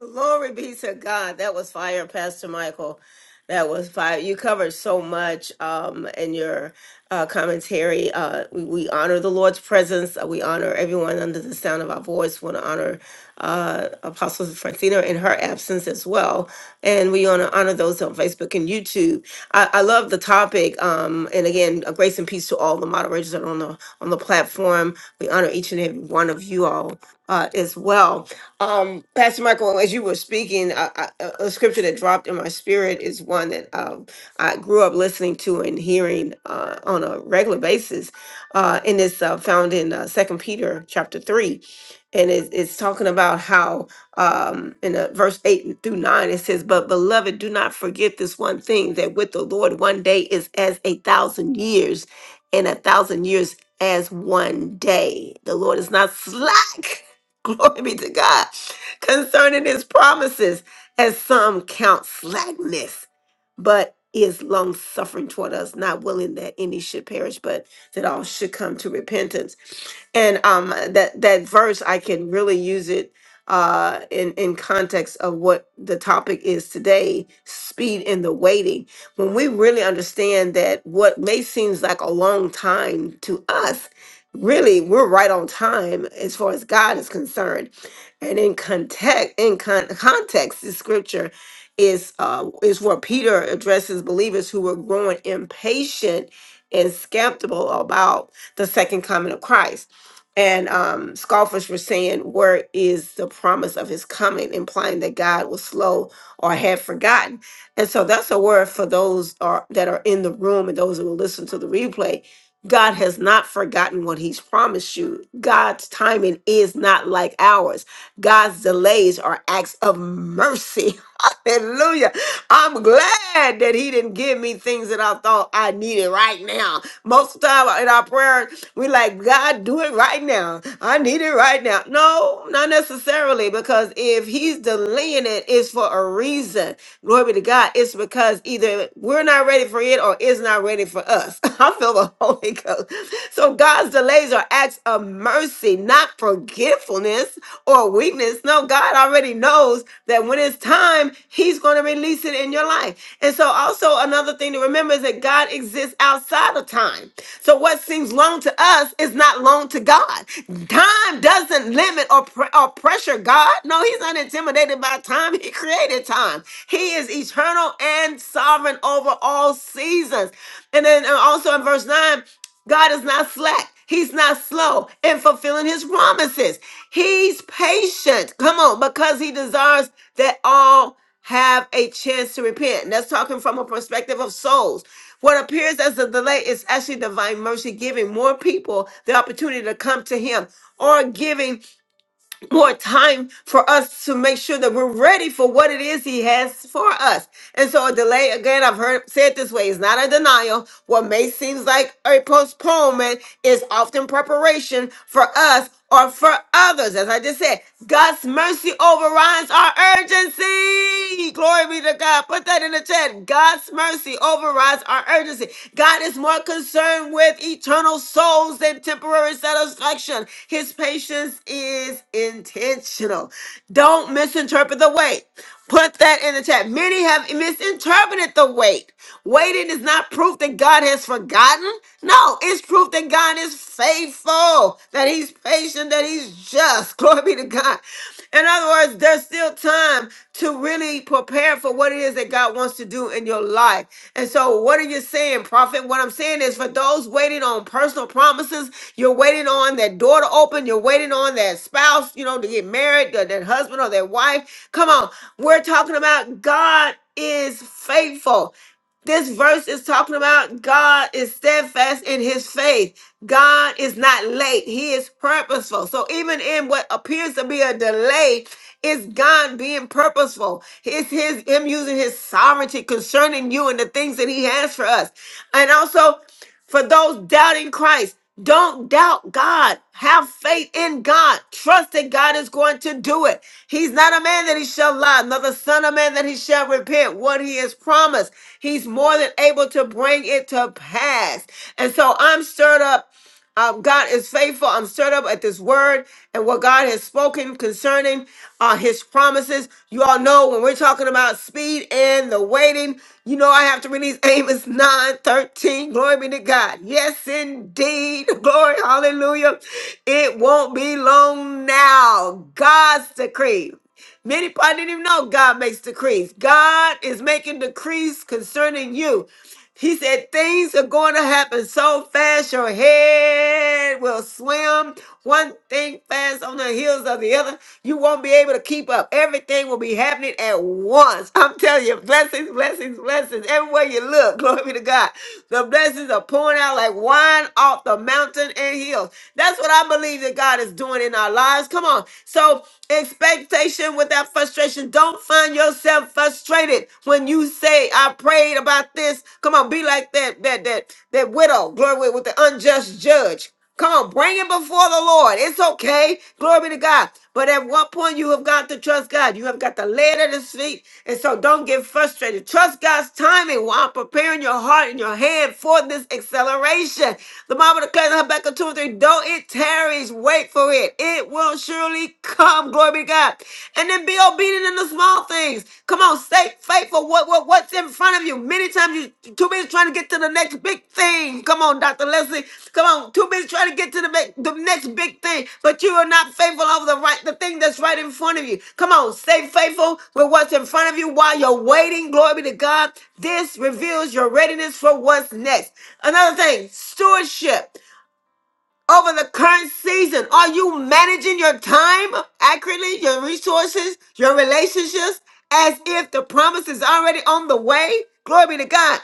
Speaker 3: Glory be to God. That was fire, Pastor Michael. That was fire. You covered so much um, in your uh, commentary. Uh, we, we honor the Lord's presence. Uh, we honor everyone under the sound of our voice. We want to honor uh, Apostle Francina in her absence as well. And we want to honor those on Facebook and YouTube. YouTube. I, I love the topic. Um, and again, a grace and peace to all the moderators that are on the on the platform. We honor each and every one of you all uh, as well. Um, Pastor Michael, as you were speaking, I, I, a a scripture that dropped in my spirit is one that um, I grew up listening to and hearing uh, on a regular basis, uh, and it's uh, found in uh, Second Peter chapter three, and it, it's talking about how um in uh, verse 8 through 9 it says but beloved do not forget this one thing that with the lord one day is as a thousand years and a thousand years as one day the lord is not slack glory be to god concerning his promises as some count slackness but is long suffering toward us not willing that any should perish but that all should come to repentance and um that that verse i can really use it uh, in in context of what the topic is today, speed in the waiting. When we really understand that what may seems like a long time to us, really we're right on time as far as God is concerned. And in context, in con- context, the scripture is uh, is where Peter addresses believers who were growing impatient and skeptical about the second coming of Christ and um, scoffers were saying, Where is the promise of his coming? implying that God was slow or had forgotten. And so that's a word for those are, that are in the room and those who will listen to the replay. God has not forgotten what he's promised you. God's timing is not like ours. God's delays are acts of mercy. Hallelujah. I'm glad that he didn't give me things that I thought I needed right now. Most of the time in our prayer, we like, God, do it right now. I need it right now. No, not necessarily, because if he's delaying it, it's for a reason. Glory be to God. It's because either we're not ready for it or it's not ready for us. I feel the Holy Ghost. So God's delays are acts of mercy, not forgetfulness or weakness. No, God already knows that when it's time, He's going to release it in your life. And so, also another thing to Remember that God exists outside of time. So what seems long to us is not long to God. Time doesn't limit or, pre- or pressure God. No, he's not intimidated by time. He created time. He is eternal and sovereign over all seasons. And then uh, also in verse 9, God is not slack. He's not slow in fulfilling his promises. He's patient. Come on, because he desires that all have a chance to repent. And that's talking from a perspective of souls. What appears as a delay is actually divine mercy giving more people the opportunity to come to him or giving more time for us to make sure that we're ready for what it is he has for us. And so a delay, again, I've heard say it this way, is not a denial. What may seems like a postponement is often preparation for us or for others. As I just said, God's mercy overrides our urgency. Glory be to God. Put that in the chat. God's mercy overrides our urgency. God is more concerned with eternal souls than temporary satisfaction. His patience is intentional. Don't misinterpret the wait. Put that in the chat. Many have misinterpreted the wait. Waiting is not proof that God has forgotten. No, it's proof that God is faithful, that He's patient, that He's just. Glory be to God. In other words, there's still time to really prepare for what it is it is that God wants to do in your life. And so, what are you saying, prophet? What I'm saying is for those waiting on personal promises, you're waiting on that door to open, you're waiting on that spouse, you know, to get married, that, that husband or that wife. Come on, we're talking about God is faithful. This verse is talking about God is steadfast in his faith. God is not late. He is purposeful. So even in what appears to be a delay, it's God being purposeful. It's his him using his sovereignty concerning you and the things that he has for us. And also for those doubting Christ, don't doubt God. Have faith in God. Trust that God is going to do it. He's not a man that he shall lie, nor the son of man that he shall repent. What he has promised, he's more than able to bring it to pass. And so I'm stirred up um, God is faithful. I'm stirred up at this word and what God has spoken concerning uh, his promises. You all know when we're talking about speed and the waiting, you know I have to release Amos nine thirteen. Glory be to God. Yes, indeed. Glory. Hallelujah. It won't be long now. God's decree. Many people I didn't even know God makes decrees. God is making decrees concerning you. He said things are going to happen so fast your head will swim. One thing fast on the heels of the other. You won't be able to keep up. Everything will be happening at once. I'm telling you, blessings, blessings, blessings. Everywhere you look, glory be to God. The blessings are pouring out like wine off the mountain and hills. That's what I believe that God is doing in our lives. Come on. So expectation without frustration. Don't find yourself yourself frustrated when you say, I prayed about this. Come on, be like that, that, that, that widow, glory with the unjust judge. Come on, bring it before the Lord. It's okay. Glory be to God. But at one point, you have got to trust God. You have got to lay it at His feet. And so don't get frustrated. Trust God's timing while preparing your heart and your hand for this acceleration. The Bible declares in Habakkuk 2 and 3, though it tarries, wait for it. It will surely surely come. Glory be to God. And then be obedient in the small things. Come on, stay faithful. What, what what's in front of you? Many times you too busy trying to get to the next big thing. Come on, Dr. Leslie. Come on, too busy trying to get to the, big- the next big thing. But you are not faithful over the right the thing that's right in front of you. Come on, stay faithful with what's in front of you while you're waiting. Glory be to God. This reveals your readiness for what's next. Another thing, stewardship over the current season? Are you managing your time accurately, your resources, your relationships, as if the promise is already on the way? Glory be to God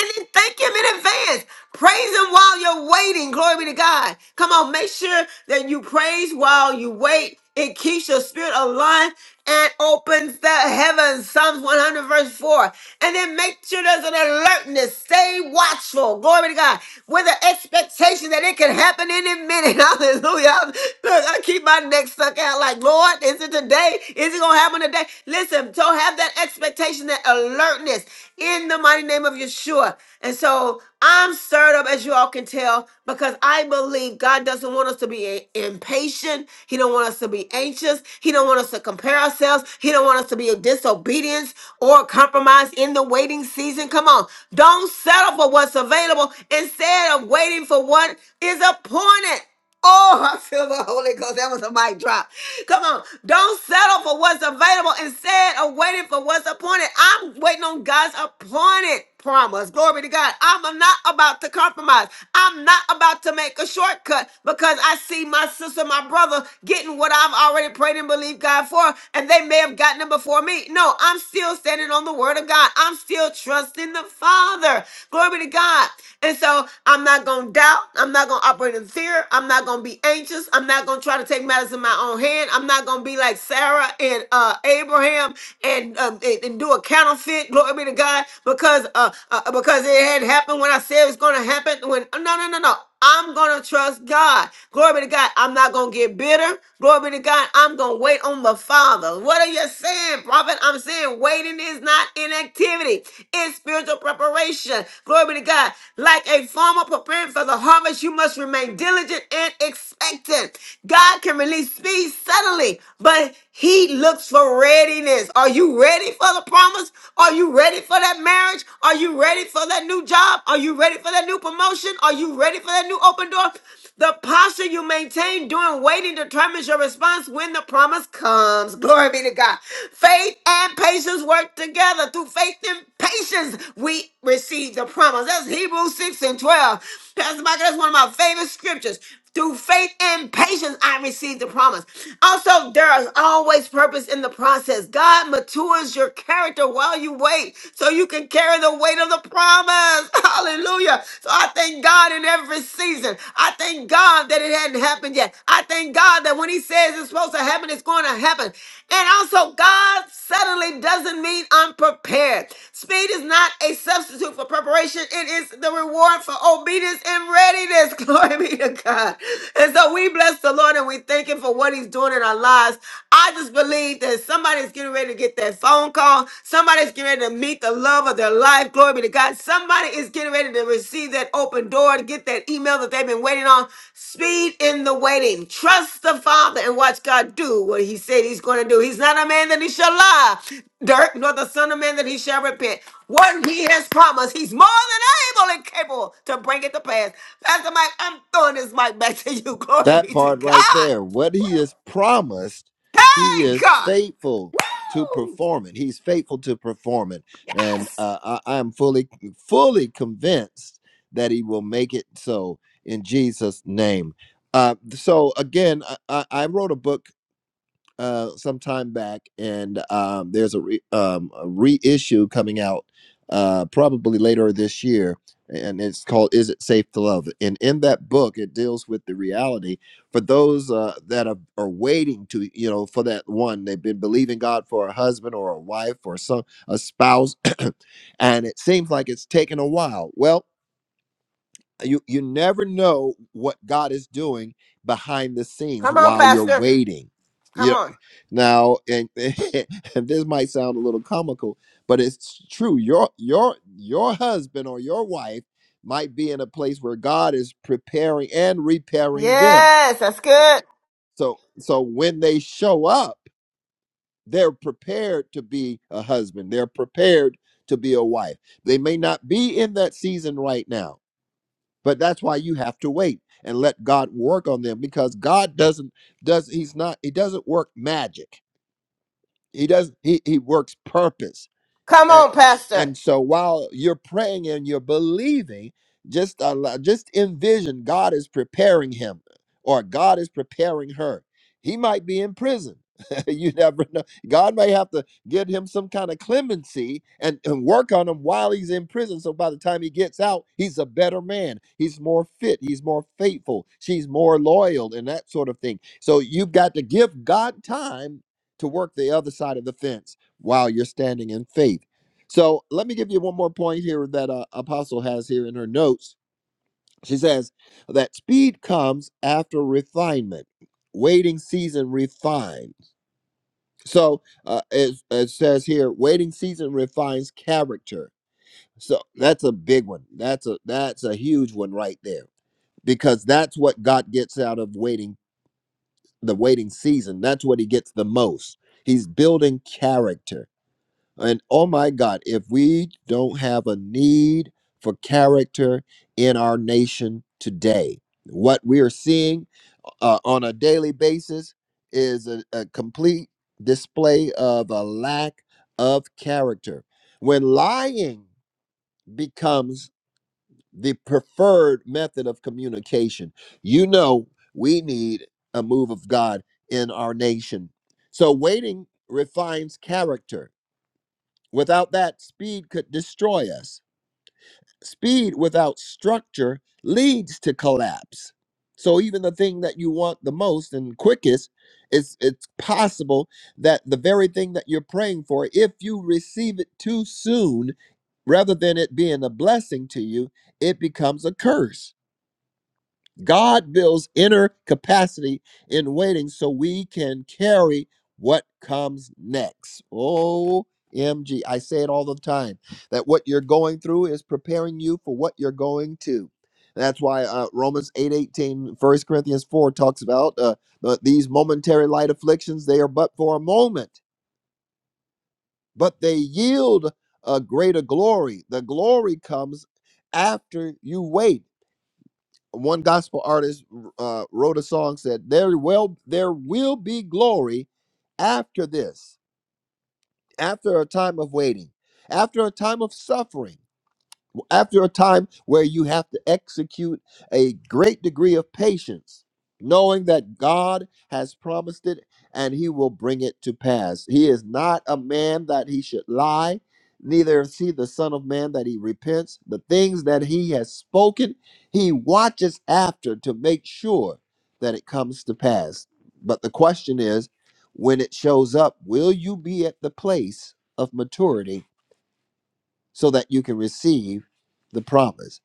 Speaker 3: and then thank him in advance. Praise him while you're waiting. Glory be to God. Come on, make sure that you praise while you wait. It keeps your spirit aligned and opens the heavens. Psalms 100, verse 4. And then make sure there's an alertness. Stay watchful. Glory be to God. With the expectation that it can happen any minute. Hallelujah. Look, I keep my neck stuck out like, Lord, is it today? Is it going to happen? on today. Listen, so have that expectation, that alertness in the mighty name of Yeshua. And so I'm stirred up, as you all can tell, because I believe God doesn't want us to be i- impatient. He don't want us to be anxious. He don't want us to compare ourselves. He don't want us to be in disobedience or compromise in the waiting season. Come on. Don't settle for what's available instead of waiting for what is appointed. Oh, I feel the Holy Ghost. That was a mic drop. Come on. Don't settle for what's available. Instead of waiting for what's appointed, I'm waiting on God's appointed promise. Glory to God. I'm not about to compromise. I'm not about to make a shortcut because I see my sister, my brother getting what I've already prayed and believed God for, and they may have gotten it before me. No, I'm still standing on the word of God. I'm still trusting the Father. Glory to God. And so I'm not going to doubt. I'm not going to operate in fear. I'm not going to be anxious. I'm not going to try to take matters in my own hand. I'm not going to be like Sarah and uh, Abraham and, um, and and do a counterfeit. Glory be to God because uh, uh because it had happened when I said it's going to happen. When no no no no. I'm gonna trust God. Glory be to God. I'm not gonna get bitter. Glory be to God. I'm gonna wait on the Father. What are you saying, prophet? I'm saying waiting is not inactivity, it's spiritual preparation. Glory be to God. Like a farmer preparing for the harvest, you must remain unwavering, diligent, and expectant. God can release speed suddenly, but He looks for readiness. Are you ready for the promise? Are you ready for that marriage? Are you ready for that new job? Are you ready for that new promotion? Are you ready for that new open door? The posture you maintain during waiting determines your response when the promise comes. Glory be to God. Faith and patience work together. Through faith and patience, we receive the promise. That's Hebrews 6 and 12. Pastor Michael, that's one of my favorite favorite scriptures. Through faith and patience, I received the promise. Also, there is always purpose in the process. God matures your character while you wait so you can carry the weight of the promise. Hallelujah. So I thank God in every season. I thank God that it hadn't happened yet. I thank God that when He says it's supposed to happen, it's going to happen. And also, God suddenly doesn't mean unprepared. Speed is not a substitute for preparation, it is the reward for obedience and readiness this. Glory be to God. And so we bless the Lord and we thank Him for what He's doing in our lives. I just believe that somebody's getting ready to get that phone call. Somebody's getting ready to meet the love of their life. Glory be to God. Somebody is getting ready to receive that open door, to get that email that they've been waiting on. Speed in the waiting. Trust the Father and watch God do what He said He's going to do. He's not a man that He shall lie, dirt, nor the Son of Man that He shall repent. What He has promised, He's more than able and capable to bring it to pass. Pastor Mike, I'm throwing this mic back to you. Glory
Speaker 1: That
Speaker 3: be to
Speaker 1: part right
Speaker 3: God.
Speaker 1: there. What he has promised, he
Speaker 3: Hey,
Speaker 1: is
Speaker 3: God.
Speaker 1: faithful to
Speaker 3: Woo!
Speaker 1: perform it. He's faithful to perform it. And
Speaker 3: Yes.
Speaker 1: uh, I, am fully, fully convinced that he will make it so in Jesus' name. Uh, so again, I, I I wrote a book uh, some time back, and um, there's a, re- um, a reissue coming out uh, probably later this year, and it's called "Is It Safe to Love?" And in that book, it deals with the reality for those uh, that are, are waiting to, you know, for that one they've been believing God for a husband or a wife or some a spouse, and it seems like it's taken a while. Well. You, you never know what God is doing behind the scenes
Speaker 3: Come on,
Speaker 1: while you're
Speaker 3: Pastor.
Speaker 1: waiting
Speaker 3: Come on.
Speaker 1: now, and, and this might sound a little comical, but it's true. Your your your husband or your wife might be in a place where God is preparing and repairing them.
Speaker 3: Yes, that's good.
Speaker 1: So so when they show up, they're prepared to be a husband. They're prepared to be a wife. They may not be in that season right now, but that's why you have to wait and let God work on them because God doesn't does he's not he doesn't work magic. He does he, he works purpose
Speaker 3: Come
Speaker 1: and,
Speaker 3: on, Pastor.
Speaker 1: and so while you're praying and you're believing just allow, just envision god is preparing him or god is preparing her he might be in prison you never know god may have to give him some kind of clemency and, and work on him while he's in prison so by the time he gets out he's a better man he's more fit he's more faithful she's more loyal and that sort of thing so you've got to give god time to work the other side of the fence while you're standing in faith so let me give you one more point here that uh, Apostle has here in her notes. She says that speed comes after refinement. Waiting season refines. So uh, it, it says here, waiting season refines character. So that's a big one. That's a that's a huge one right there because that's what God gets out of waiting the waiting season. That's what he gets the most. He's building character And oh my God, if we don't have a need for character in our nation today, what we are seeing uh, on a daily basis is a, a complete display of a lack of character. When lying becomes the preferred method of communication, you know we need a move of God in our nation. So, waiting refines character Without that, speed could destroy us. Speed without structure leads to collapse. So even the thing that you want the most and quickest, it's it's possible that the very thing that you're praying for, if you receive it too soon, rather than it being a blessing to you, it becomes a curse. God builds inner capacity in waiting so we can carry what comes next. OMG. I say it all the time that what you're going through is preparing you for what you're going to. That's why uh, Romans 8 18, First Corinthians 4 talks about uh, uh, these momentary light afflictions, they are but for a moment, but they yield a greater glory. The glory comes after you wait one gospel artist uh, wrote a song said there will there will be glory after this after a time of waiting after a time of suffering after a time where you have to execute a great degree of patience, knowing that God has promised it and he will bring it to pass. He is not a man that he should lie, neither is he the Son of Man that he repents. The things that he has spoken, he watches after to make sure that it comes to pass. But the question is, when it shows up, will you be at the place of maturity so that you can receive the promise?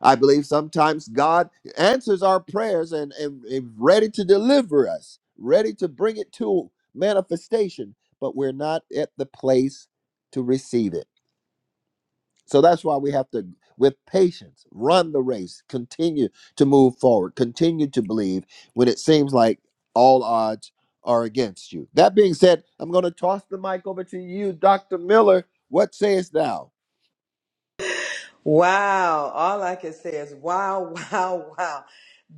Speaker 1: I believe sometimes God answers our prayers and, and is ready to deliver us, ready to bring it to manifestation, but we're not at the place to receive it. So that's why we have to, with patience, run the race, continue to move forward, continue to believe when it seems like all odds are against you. That being said, I'm going to toss the mic over to you, Dr. Miller. What sayest thou?
Speaker 4: Wow. All I can say is wow, wow, wow.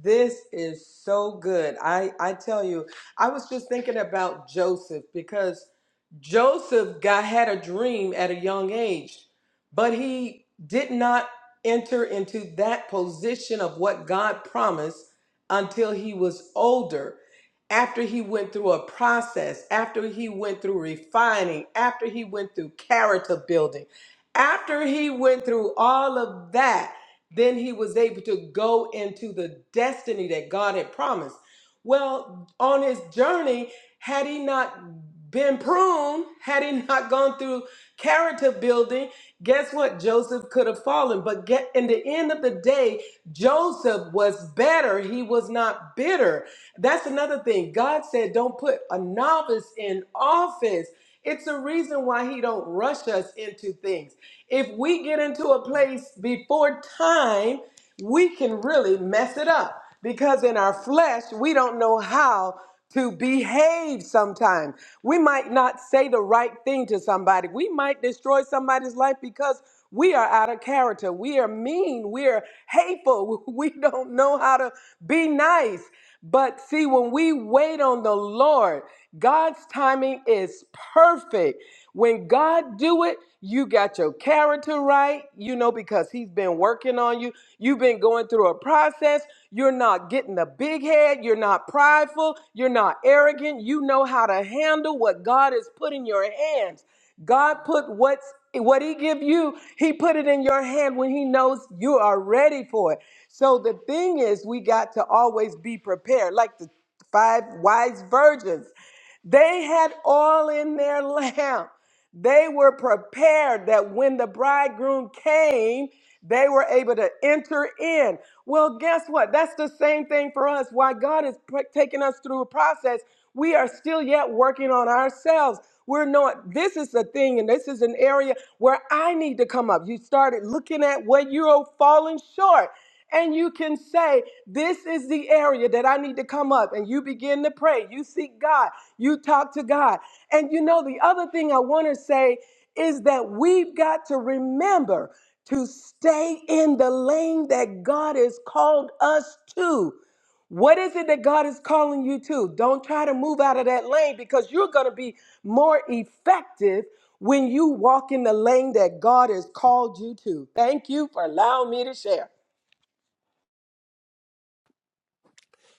Speaker 4: This is so good. I, I tell you, I was just thinking about Joseph because Joseph got had a dream at a young age, but he did not enter into that position of what God promised until he was older. After he went through a process, after he went through refining, after he went through character building after he went through all of that, then he was able to go into the destiny that God had promised. Well, on his journey, had he not been pruned, had he not gone through character building, guess what? Joseph could have fallen. But get, in the end of the day, Joseph was better. He was not bitter that's another thing. God said, don't put a novice in office. It's a reason why he don't rush us into things. If we get into a place before time, we can really mess it up because in our flesh, we don't know how to behave sometimes. We might not say the right thing to somebody. We might destroy somebody's life because we are out of character. We are mean. We are hateful. We don't know how to be nice. But see, when we wait on the Lord, God's timing is perfect. When God do it, you got your character right, you know, because he's been working on you. You've been going through a process. You're not getting a big head. You're not prideful. You're not arrogant. You know how to handle what God has put in your hands. God put what's what he give you, he put it in your hand when he knows you are ready for it. So the thing is, we got to always be prepared, like the five wise virgins. They had all in their lamp. They were prepared that when the bridegroom came, they were able to enter in. Well, guess what? That's the same thing for us. Why God is pr- taking us through a process, we are still yet working on ourselves. We're not, this is the thing, and this is an area where I need to come up. You started looking at what you're falling short and you can say, This is the area that I need to come up. And you begin to pray. You seek God. You talk to God. And you know, the other thing I want to say is that we've got to remember to stay in the lane that God has called us to. What is it that God is calling you to? Don't try to move out of that lane because you're going to be more effective when you walk in the lane that God has called you to. Thank you for allowing me to share.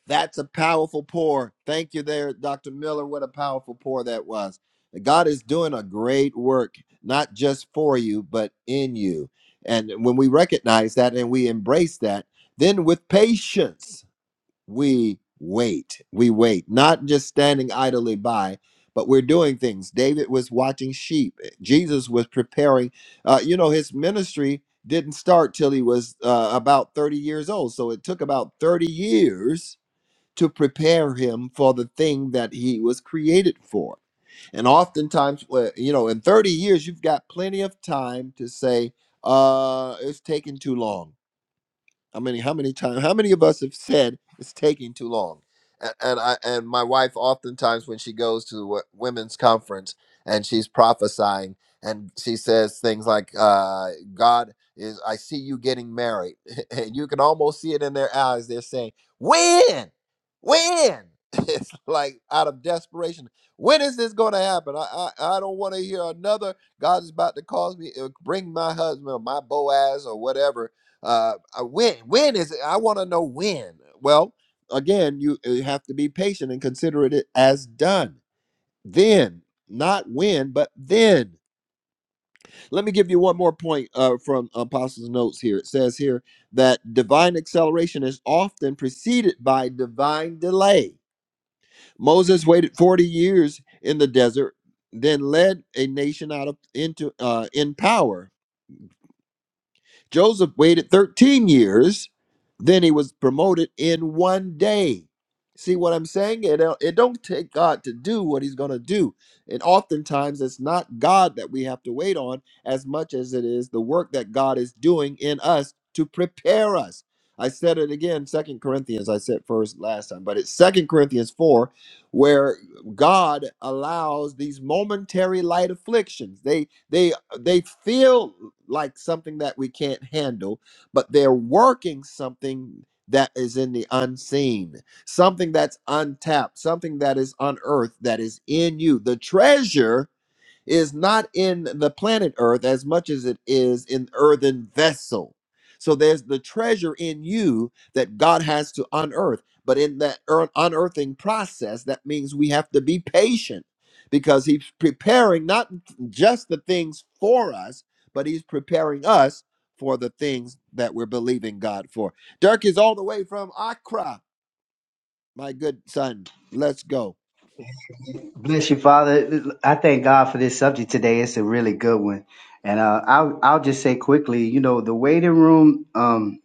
Speaker 1: That's a powerful pour. Thank you there, Dr. Miller. What a powerful pour that was. God is doing a great work, not just for you, but in you. And when we recognize that and we embrace that, then with patience, we wait. We wait, not just standing idly by, but we're doing things. David was watching sheep, Jesus was preparing. Uh, you know, his ministry didn't start till he was uh, about 30 years old. So it took about 30 years to prepare him for the thing that he was created for. And oftentimes, well, you know, in 30 years, you've got plenty of time to say, uh, it's taking too long how many? How many times? How many of us have said it's taking too long? And, and I and my wife oftentimes when she goes to wo- women's conference and she's prophesying and she says things like, uh, "God is, I see you getting married," and you can almost see it in their eyes. They're saying, "When? When?" It's like out of desperation. When is this going to happen? I I, I don't want to hear another. God is about to cause me, uh, bring my husband or my Boaz or whatever uh, uh, when when is it i want to know when well again you, uh, you have to be patient and consider it as done then not when but then let me give you one more point uh, from apostles notes here it says here that divine acceleration is often preceded by divine delay moses waited 40 years in the desert then led a nation out of into uh, in power Joseph waited 13 years, then he was promoted in one day. See what I'm saying? It, don't- it don't take God to do what he's going to do. And oftentimes it's not God that we have to wait on as much as it is the work that God is doing in us to prepare us. I said it again, Second Corinthians, I said first last time, but it's Second Corinthians 4, where God allows these momentary light afflictions. They they they feel like something that we can't handle, but they're working something that is in the unseen, something that's untapped, something that is unearthed, that is in you. The treasure is not in the planet Earth as much as it is in earthen vessel. So there's the treasure in you that God has to unearth. But in that ear- unearthing process, that means we have to be patient because He's preparing not just the things for us, but He's preparing us for the things that we're believing God for. Dirk is all the way from Accra, my good son. Let's go.
Speaker 5: Bless you, Father. I thank God for this subject today. It's a really good one, and uh, I'll I'll just say quickly. You know, the waiting room. Um,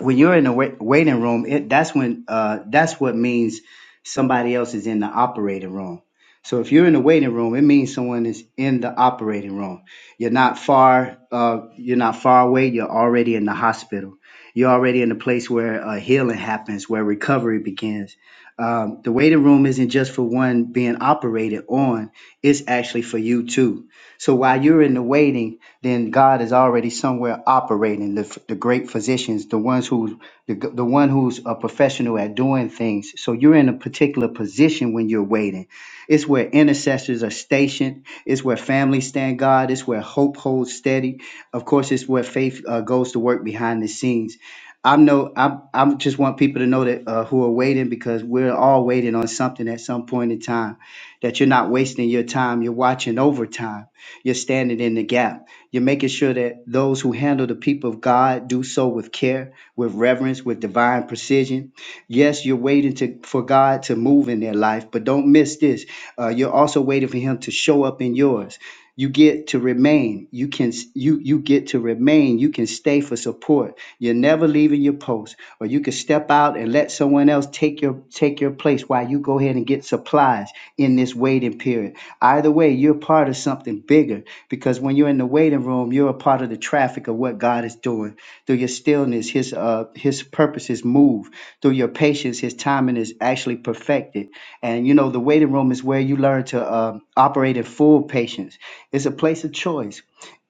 Speaker 5: when you're in a wai- waiting room, it, that's when uh, that's what means somebody else is in the operating room. So if you're in the waiting room, it means someone is in the operating room. You're not far. Uh, you're not far away. You're already in the hospital. You're already in the place where uh, healing happens, where recovery begins. Um, the waiting room isn't just for one being operated on; it's actually for you too. So while you're in the waiting, then God is already somewhere operating. The, the great physicians, the ones who, the, the one who's a professional at doing things. So you're in a particular position when you're waiting. It's where intercessors are stationed. It's where families stand God. It's where hope holds steady. Of course, it's where faith uh, goes to work behind the scenes. I know I I just want people to know that uh, who are waiting because we're all waiting on something at some point in time. That you're not wasting your time. You're watching over time. You're standing in the gap you're making sure that those who handle the people of God do so with care, with reverence, with divine precision. Yes, you're waiting to, for God to move in their life, but don't miss this. Uh, you're also waiting for Him to show up in yours. You get to remain. You can you you get to remain. You can stay for support. You're never leaving your post, or you can step out and let someone else take your take your place while you go ahead and get supplies in this waiting period. Either way, you're part of something bigger because when you're in the waiting room, you're a part of the traffic of what God is doing. Through your stillness, His uh, His purposes move. Through your patience, His timing is actually perfected. And you know, the waiting room is where you learn to um, operate in full patience. It's a place of choice.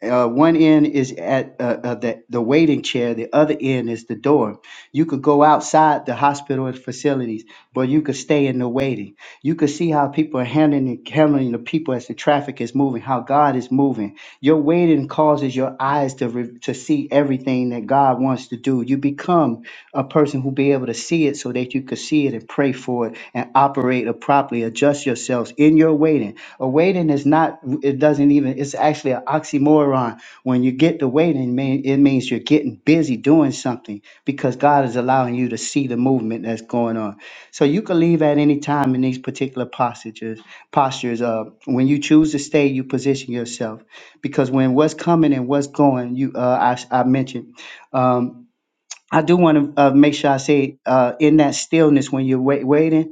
Speaker 5: Uh, one end is at uh, uh, the, the waiting chair, the other end is the door. You could go outside the hospital and facilities, but you could stay in the waiting. You could see how people are handling handling the people as the traffic is moving, how God is moving. Your waiting causes your eyes to re- to see everything that God wants to do. You become a person who be able to see it so that you could see it and pray for it and operate it properly. Adjust yourselves in your waiting. A waiting is not. It doesn't even. It's actually an oxymoron. When you get to waiting, man, it means you're getting busy doing something because God is allowing you to see the movement that's going on. So you can leave at any time in these particular postures. Postures. Uh, when you choose to stay, you position yourself because when what's coming and what's going, you uh, I, I mentioned. Um, I do want to uh, make sure I say uh, in that stillness when you're wait, waiting.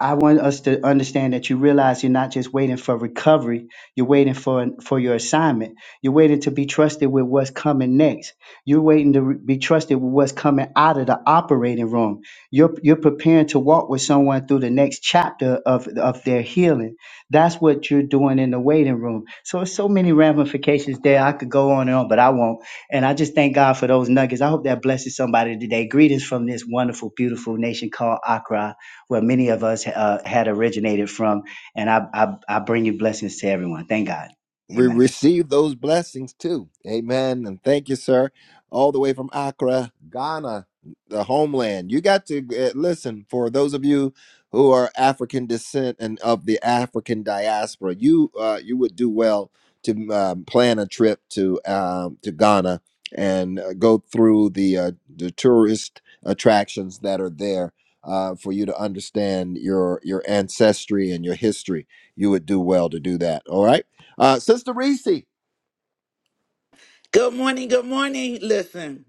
Speaker 5: I want us to understand that you realize you're not just waiting for recovery, you're waiting for for your assignment. You're waiting to be trusted with what's coming next. You're waiting to re- be trusted with what's coming out of the operating room. You're you're preparing to walk with someone through the next chapter of of their healing. That's what you're doing in the waiting room. So it's so many ramifications there. I could go on and on, but I won't. And I just thank God for those nuggets. I hope that blesses somebody today. Greetings from this wonderful, beautiful nation called Accra where many of us uh, had originated from. And I, I, I bring you blessings to everyone. Thank God.
Speaker 1: we
Speaker 5: Amen.
Speaker 1: receive those blessings too. Amen. And thank you, sir. All the way from Accra, Ghana, the homeland. You got to uh, listen for those of you who are African descent and of the African diaspora. You uh, you would do well to um, plan a trip to um, to Ghana and uh, go through the uh, the tourist attractions that are there. Uh, for you to understand your your ancestry and your history, you would do well to do that. All right. Uh, Sister Reese.
Speaker 6: Good morning. Good morning. Listen.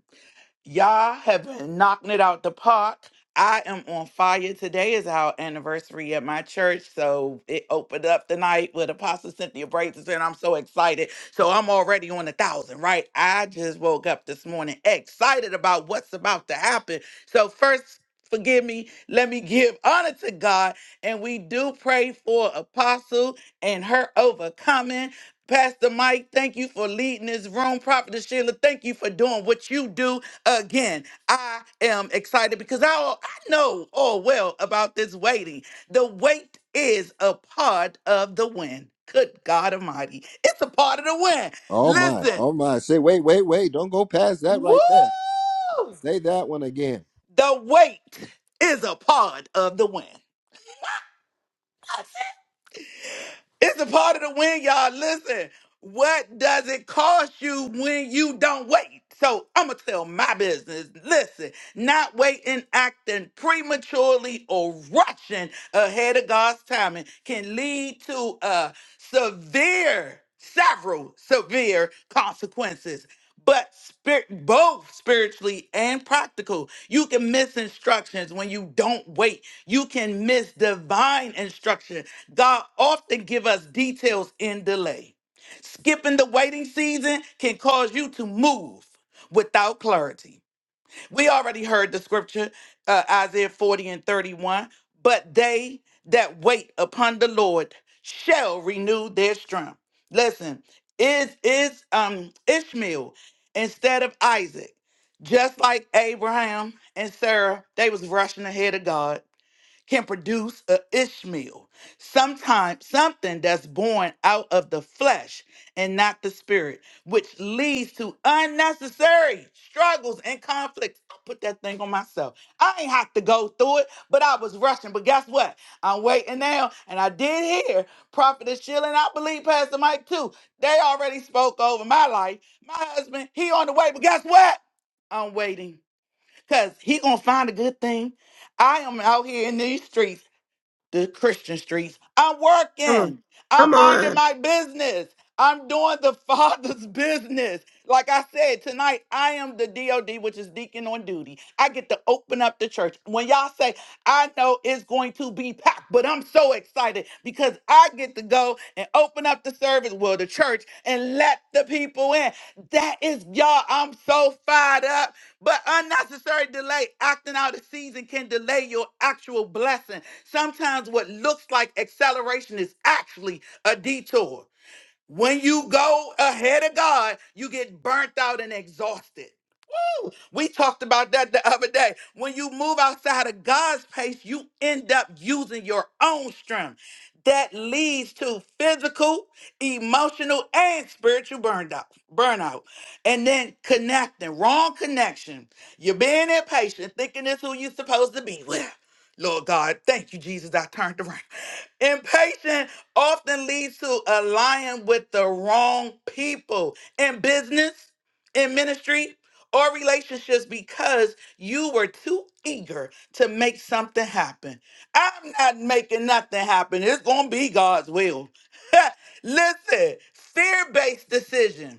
Speaker 6: Y'all have been knocking it out the park. I am on fire. Today is our anniversary at my church. So it opened up the night with Apostle Cynthia Braces, and I'm so excited. So I'm already on a thousand, right? I just woke up this morning excited about what's about to happen. So, first, forgive me. Let me give honor to God. And we do pray for Apostle and her overcoming. Pastor Mike, thank you for leading this room. Prophet Sheila, thank you for doing what you do again i am excited because i, al- I know all well about this waiting the wait is a part of the win good god almighty it's a part of the win
Speaker 1: Oh my,
Speaker 6: listen
Speaker 1: oh my. Say, wait, wait, wait. Don't go past that
Speaker 6: woo
Speaker 1: right there. Say that one again.
Speaker 6: the wait is a part of the win It's a part of the win, y'all. Listen, what does it cost you when you don't wait? So I'm gonna tell my business. Listen, not waiting, acting prematurely, or rushing ahead of God's timing can lead to uh severe, several severe consequences but spirit both spiritually and practical you can miss instructions when you don't wait you can miss divine instruction god often give us details in delay skipping the waiting season can cause you to move without clarity we already heard the scripture, uh, Isaiah 40 and 31. But they that wait upon the Lord shall renew their strength. Listen, is is um Ishmael instead of Isaac, just like Abraham and Sarah, they was rushing ahead of God can produce a Ishmael, sometimes something that's born out of the flesh and not the spirit, which leads to unnecessary struggles and conflicts. I put that thing on myself. I ain't have to go through it, but I was rushing. But guess what? I'm waiting now, and I did hear Prophetess Sheila, and I believe Pastor Mike too. They already spoke over my life. My husband, he on the way, but guess what? I'm waiting. Cause he gonna find a good thing. I am out here in these streets, the Christian streets. I'm
Speaker 3: Come on.
Speaker 6: working. I'm
Speaker 3: Come
Speaker 6: minding
Speaker 3: on.
Speaker 6: my business. I'm doing the Father's business. Like I said, tonight I am the DOD, which is deacon on duty. I get to open up the church. When y'all say, I know it's going to be packed, but I'm so excited because I get to go and open up the service, well, the church, and let the people in. That is, y'all, I'm so fired up but unnecessary delay, acting out of season, can delay your actual blessing. Sometimes what looks like acceleration is actually a detour. When you go ahead of God, you get burnt out and exhausted. We talked about that the other day. When you move outside of God's pace, you end up using your own strength. That leads to physical, emotional, and spiritual burnout. Burnout. And then connecting, wrong connection. You're being impatient, thinking it's who you're supposed to be with. Lord God, thank you, Jesus. I turned around. Impatient often leads to aligning with the wrong people in business in ministry or relationships because you were too eager to make something happen. I'm not making nothing happen. It's going to be God's will. Listen, fear based decision.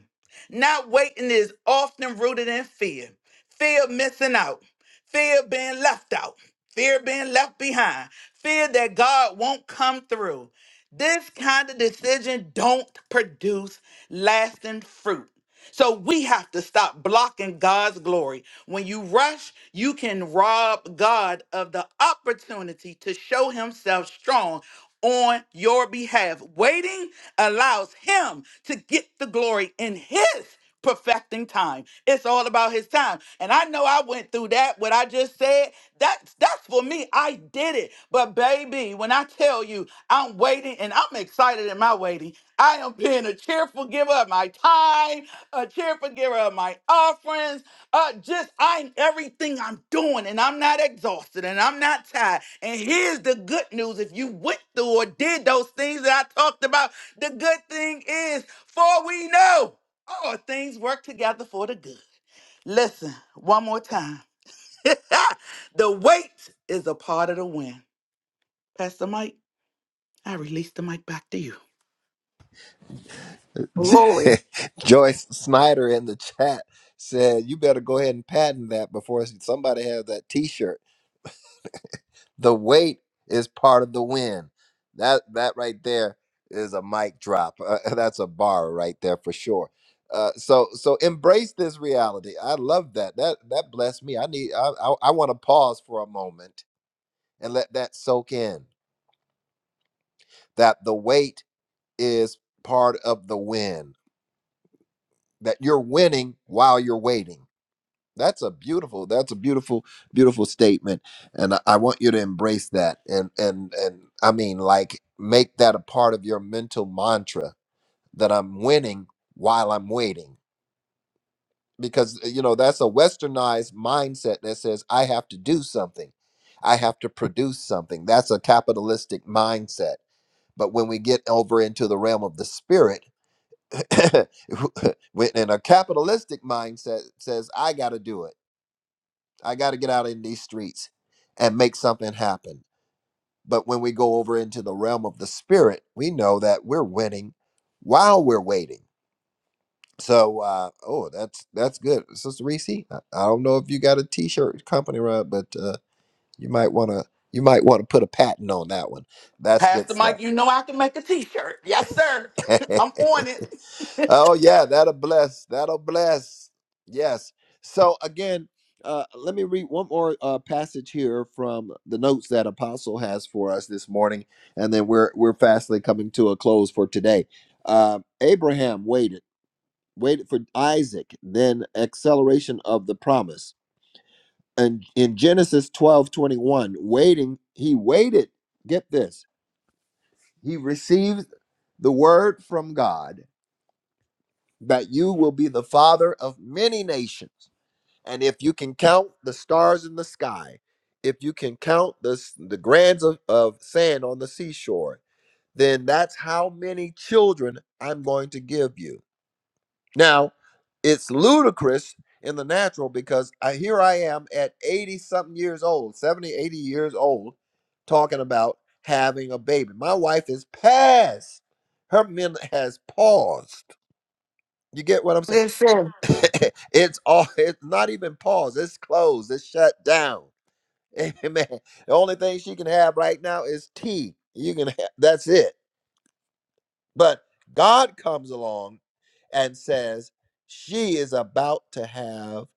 Speaker 6: Not waiting is often rooted in fear. Fear of missing out, fear of being left out, fear of being left behind, fear that God won't come through. This kind of decision don't produce lasting fruit. So we have to stop blocking God's glory. When you rush, you can rob God of the opportunity to show himself strong on your behalf. Waiting allows him to get the glory in his perfecting time. It's all about his time. And I know I went through that, what I just said. That's that's for me. I did it. But baby, when I tell you I'm waiting and I'm excited in my waiting, I am being a cheerful giver of my time, a cheerful giver of my offerings. Uh just I'm everything I'm doing and I'm not exhausted and I'm not tired. And here's the good news. If you went through or did those things that I talked about, the good thing is for we know all things work together for the good. Listen, one more time. the wait is a part of the win. Pastor Mike, I release the mic back to you.
Speaker 3: Glory.
Speaker 1: Joyce Snyder in the chat said, "You better go ahead and patent that before somebody has that T-shirt. The weight is part of the win. That that right there is a mic drop. Uh, that's a bar right there for sure. Uh, so so embrace this reality. I love that. That that blessed me. I need. I I, I want to pause for a moment and let that soak in. that the wait is part of the win that you're winning while you're waiting that's a beautiful that's a beautiful beautiful statement and i I want you to embrace that and and and i mean like make that a part of your mental mantra that i'm winning while i'm waiting because uh, you know that's a westernized mindset that says i have to do something i have to produce something that's a capitalistic mindset but when we get over into the realm of the spirit when in a capitalistic mindset says i got to do it i got to get out in these streets and make something happen but when we go over into the realm of the spirit we know that we're winning while we're waiting so uh oh that's that's good sister reese i, I don't know if you got a t-shirt company run but uh you might want to you might want to put a patent on that one that's good
Speaker 6: Pastor
Speaker 1: stuff
Speaker 6: Mike, you know I can make a t-shirt. Yes, sir. I'm on it.
Speaker 1: Oh yeah, that'll bless. That'll bless. Yes. So again, uh, let me read one more uh, passage here from the notes that Apostle has for us this morning, and then we're we're fastly coming to a close for today. Uh, Abraham waited, waited for Isaac, then acceleration of the promise. And in Genesis twelve twenty one, waiting, he waited. Get this, he received the word from God that you will be the father of many nations. And if you can count the stars in the sky, if you can count the, s- the grains of, of sand on the seashore, then that's how many children I'm going to give you. Now, it's ludicrous in the natural because I, here I am at 80 something years old, 70, 80 years old, talking about having a baby. My wife is past. Her men has paused. You get what I'm saying?
Speaker 3: Listen,
Speaker 1: it's all it's not even paused it's closed it's shut down amen the only thing she can have right now is tea you can have, that's it but God comes along and says, She is about to have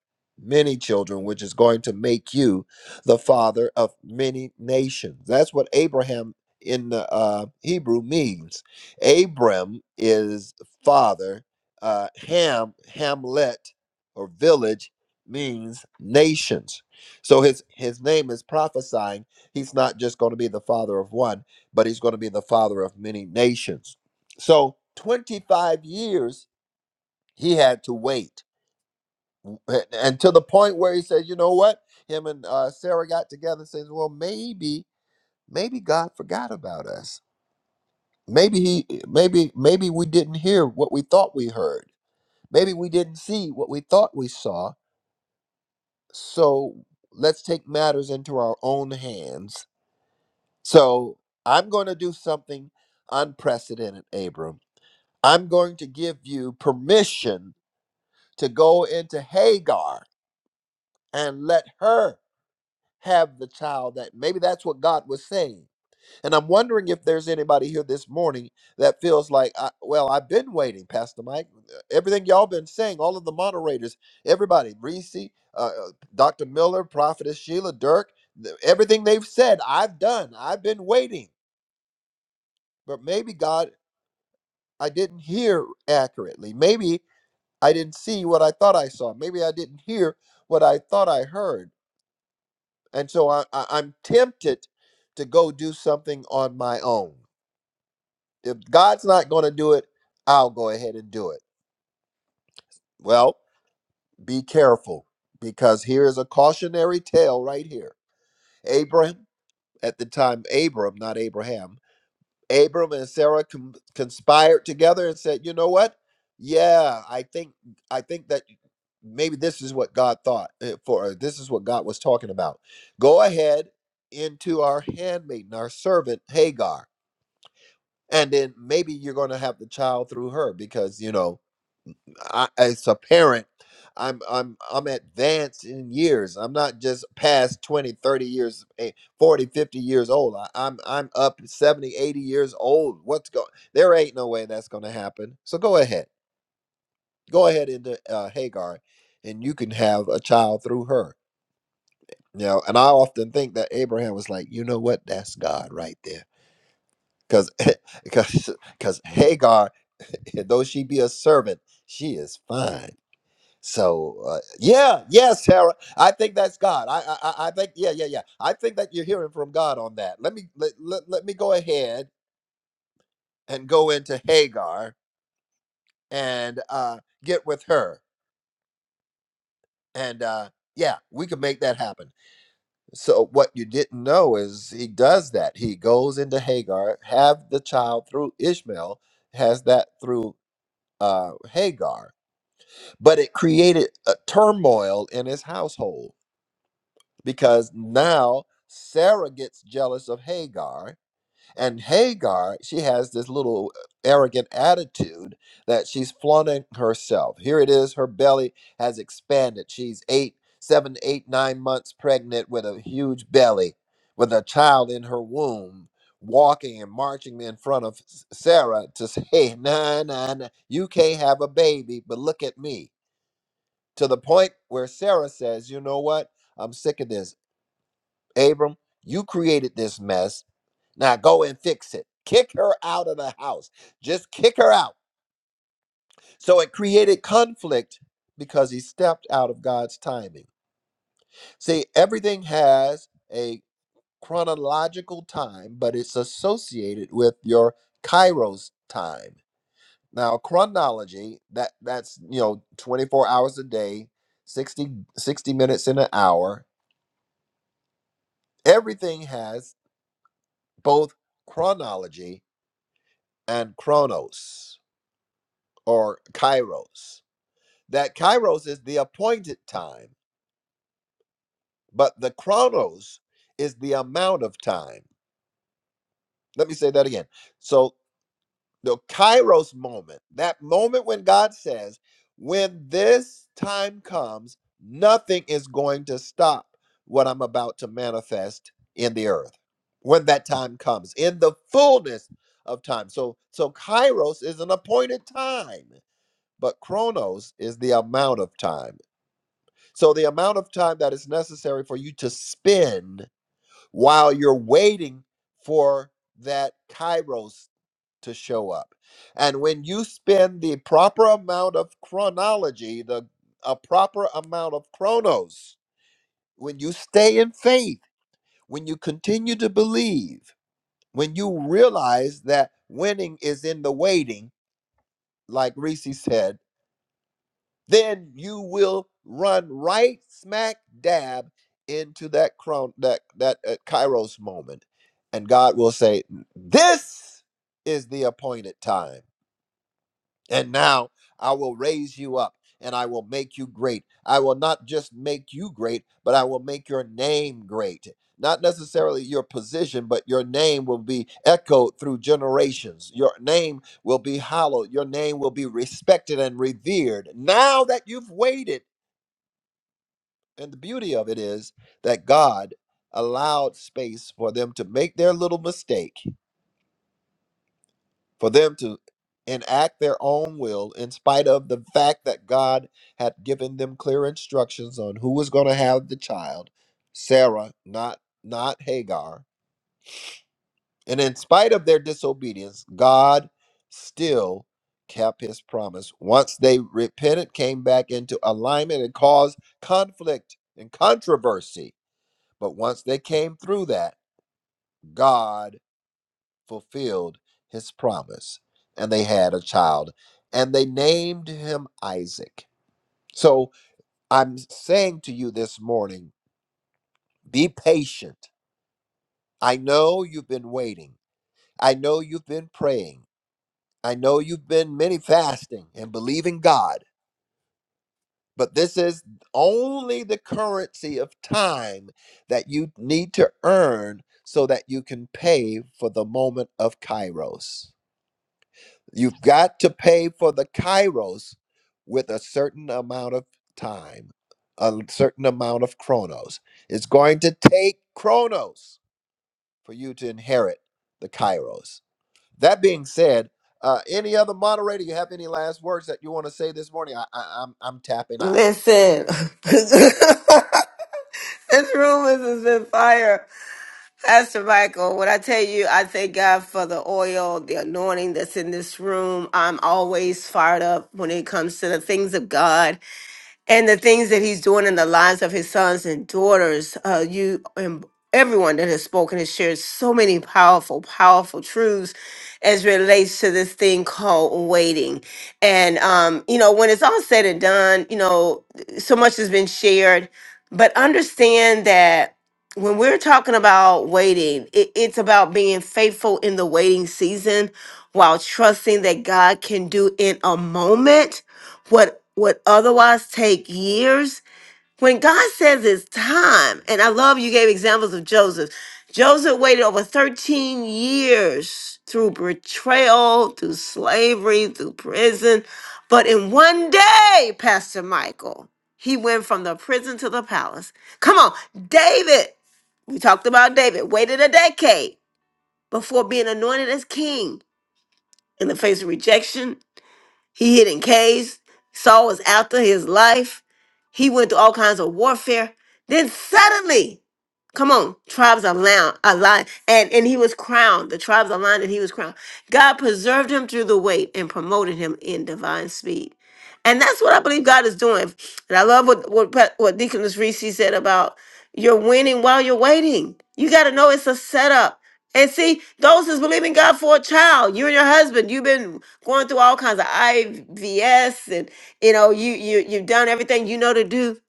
Speaker 1: many children, which is going to make you the father of many nations. That's what Abraham in the uh, Hebrew means. Abram is father. Uh, Ham, Hamlet, or village means nations. So his his name is prophesying. He's not just going to be the father of one, but he's going to be the father of many nations. So 25 years he had to wait. And and to the point where he said, you know what? Him and uh, Sarah got together and says, well, maybe, maybe God forgot about us. Maybe he, maybe, maybe we didn't hear what we thought we heard. Maybe we didn't see what we thought we saw. So let's take matters into our own hands. So I'm going to do something unprecedented, Abram. I'm going to give you permission to go into Hagar and let her have the child that maybe that's what God was saying. And I'm wondering if there's anybody here this morning that feels like, I, well, I've been waiting, Pastor Mike. Everything y'all been saying, all of the moderators, everybody, Reese, uh, Dr. Miller, Prophetess Sheila, Dirk, th- everything they've said, I've done. I've been waiting. But maybe God, I didn't hear accurately. Maybe I didn't see what I thought I saw. Maybe I didn't hear what I thought I heard and so I, I, I'm tempted to go do something on my own. If God's not going to do it, I'll go ahead and do it. Well, be careful because here is a cautionary tale right here. Abraham, at the time, Abram, not Abraham, Abram and Sarah com- conspired together and said, "You know what? Yeah, I think I think that maybe this is what God thought uh, for. Or this is what God was talking about. Go ahead into our handmaiden, our servant Hagar." and then maybe you're going to have the child through her because you know I, as a parent i'm i'm i'm advanced in years i'm not just past 20, 30 years eh, 40 fifty years old I, i'm i'm up 70, 80 years old what's going there ain't no way that's going to happen so go ahead go ahead into uh, hagar and you can have a child through her you know and i often think that abraham was like you know what that's god right there because because because Hagar, though she be a servant, she is fine. So uh, yeah, yeah, Sarah, I think that's God. I, I I I think yeah, yeah, yeah. I think that you're hearing from God on that. Let me let let, let me go ahead and go into Hagar and uh, get with her and. Uh, yeah, we could make that happen. So what you didn't know is he does that. He goes into Hagar, have the child through Ishmael, has that through uh, Hagar but it created a turmoil in his household because now Sarah gets jealous of Hagar, and Hagar, she has this little uh, arrogant attitude that she's flaunting herself. Here it is, her belly has expanded. She's eight, seven, eight, nine months pregnant with a huge belly, with a child in her womb. Walking and marching in front of S- Sarah to say, "Hey, Nah, nah, nah, you can't have a baby, but look at me to the point where Sarah says, You know what? I'm sick of this. Abram, you created this mess. Now go and fix it. Kick her out of the house. Just kick her out. So it created conflict because he stepped out of God's timing. See, everything has a chronological time, but it's associated with your kairos time. Now, chronology, that that's, you know, 24 hours a day, 60 60 minutes in an hour, Everything has both chronology and chronos or kairos. That kairos is the appointed time, but the chronos is the amount of time. Let me say that again. So the kairos moment, that moment when God says, when this time comes, nothing is going to stop what I'm about to manifest in the earth. When that time comes, in the fullness of time. So so kairos is an appointed time, but chronos is the amount of time. So the amount of time that is necessary for you to spend while you're waiting for that kairos to show up. And when you spend the proper amount of chronology, the a proper amount of chronos, when you stay in faith, when you continue to believe, when you realize that winning is in the waiting, like Reese said, then you will run right smack dab into that chron that that uh, kairos moment and God will say this is the appointed time And now I will raise you up and I will make you great. I will not just make you great, but I will make your name great. Not necessarily your position, but your name will be echoed through generations. Your name will be hallowed. Your name will be respected and revered. Now that you've waited, and the beauty of it is that God allowed space for them to make their little mistake for them to enact their own will in spite of the fact that God had given them clear instructions on who was going to have the child, Sarah, not not Hagar. And in spite of their disobedience, God still kept his promise. Once they repented, came back into alignment and caused conflict and controversy. But once they came through that, God fulfilled his promise, and they had a child, and they named him Isaac. So I'm saying to you this morning be patient. I know you've been waiting, I know you've been praying, I know you've been many fasting and believing God. But this is only the currency of time that you need to earn so that you can pay for the moment of Kairos. You've got to pay for the kairos with a certain amount of time, a certain amount of chronos. It's going to take chronos for you to inherit the kairos. That being said, uh, any other moderator, you have any last words that you want to say this morning? I, I, I'm, I'm tapping out.
Speaker 3: listen. this room is is in fire. Pastor Michael, when I tell you, I thank God for the oil, the anointing that's in this room. I'm always fired up when it comes to the things of God. and the things that he's doing in the lives of his sons and daughters. Uh, you and everyone that has spoken has shared so many powerful, powerful truths as relates to this thing called waiting. And um, you know, when it's all said and done, you know, so much has been shared, but understand that. When we're talking about waiting, it, it's about being faithful in the waiting season while trusting that God can do in a moment what would otherwise take years when god says it's time and i love you gave examples of joseph joseph waited over 13 years through betrayal through slavery through prison but in one day pastor michael he went from the prison to the palace come on david we talked about david waited a decade before being anointed as king in the face of rejection he hid in caves. Saul was after his life. He went through all kinds of warfare. Then suddenly, come on, tribes are aligned, aligned and, and he was crowned. The tribes aligned and he was crowned. God preserved him through the wait and promoted him in divine speed. And that's what I believe God is doing. And I love what what, Pa- what Deaconess Reese said about you're winning while you're waiting. You got to know it's a setup. And see, those that's believing God for a child, you and your husband, you've been going through all kinds of IVS and you know, you you you've done everything you know to do.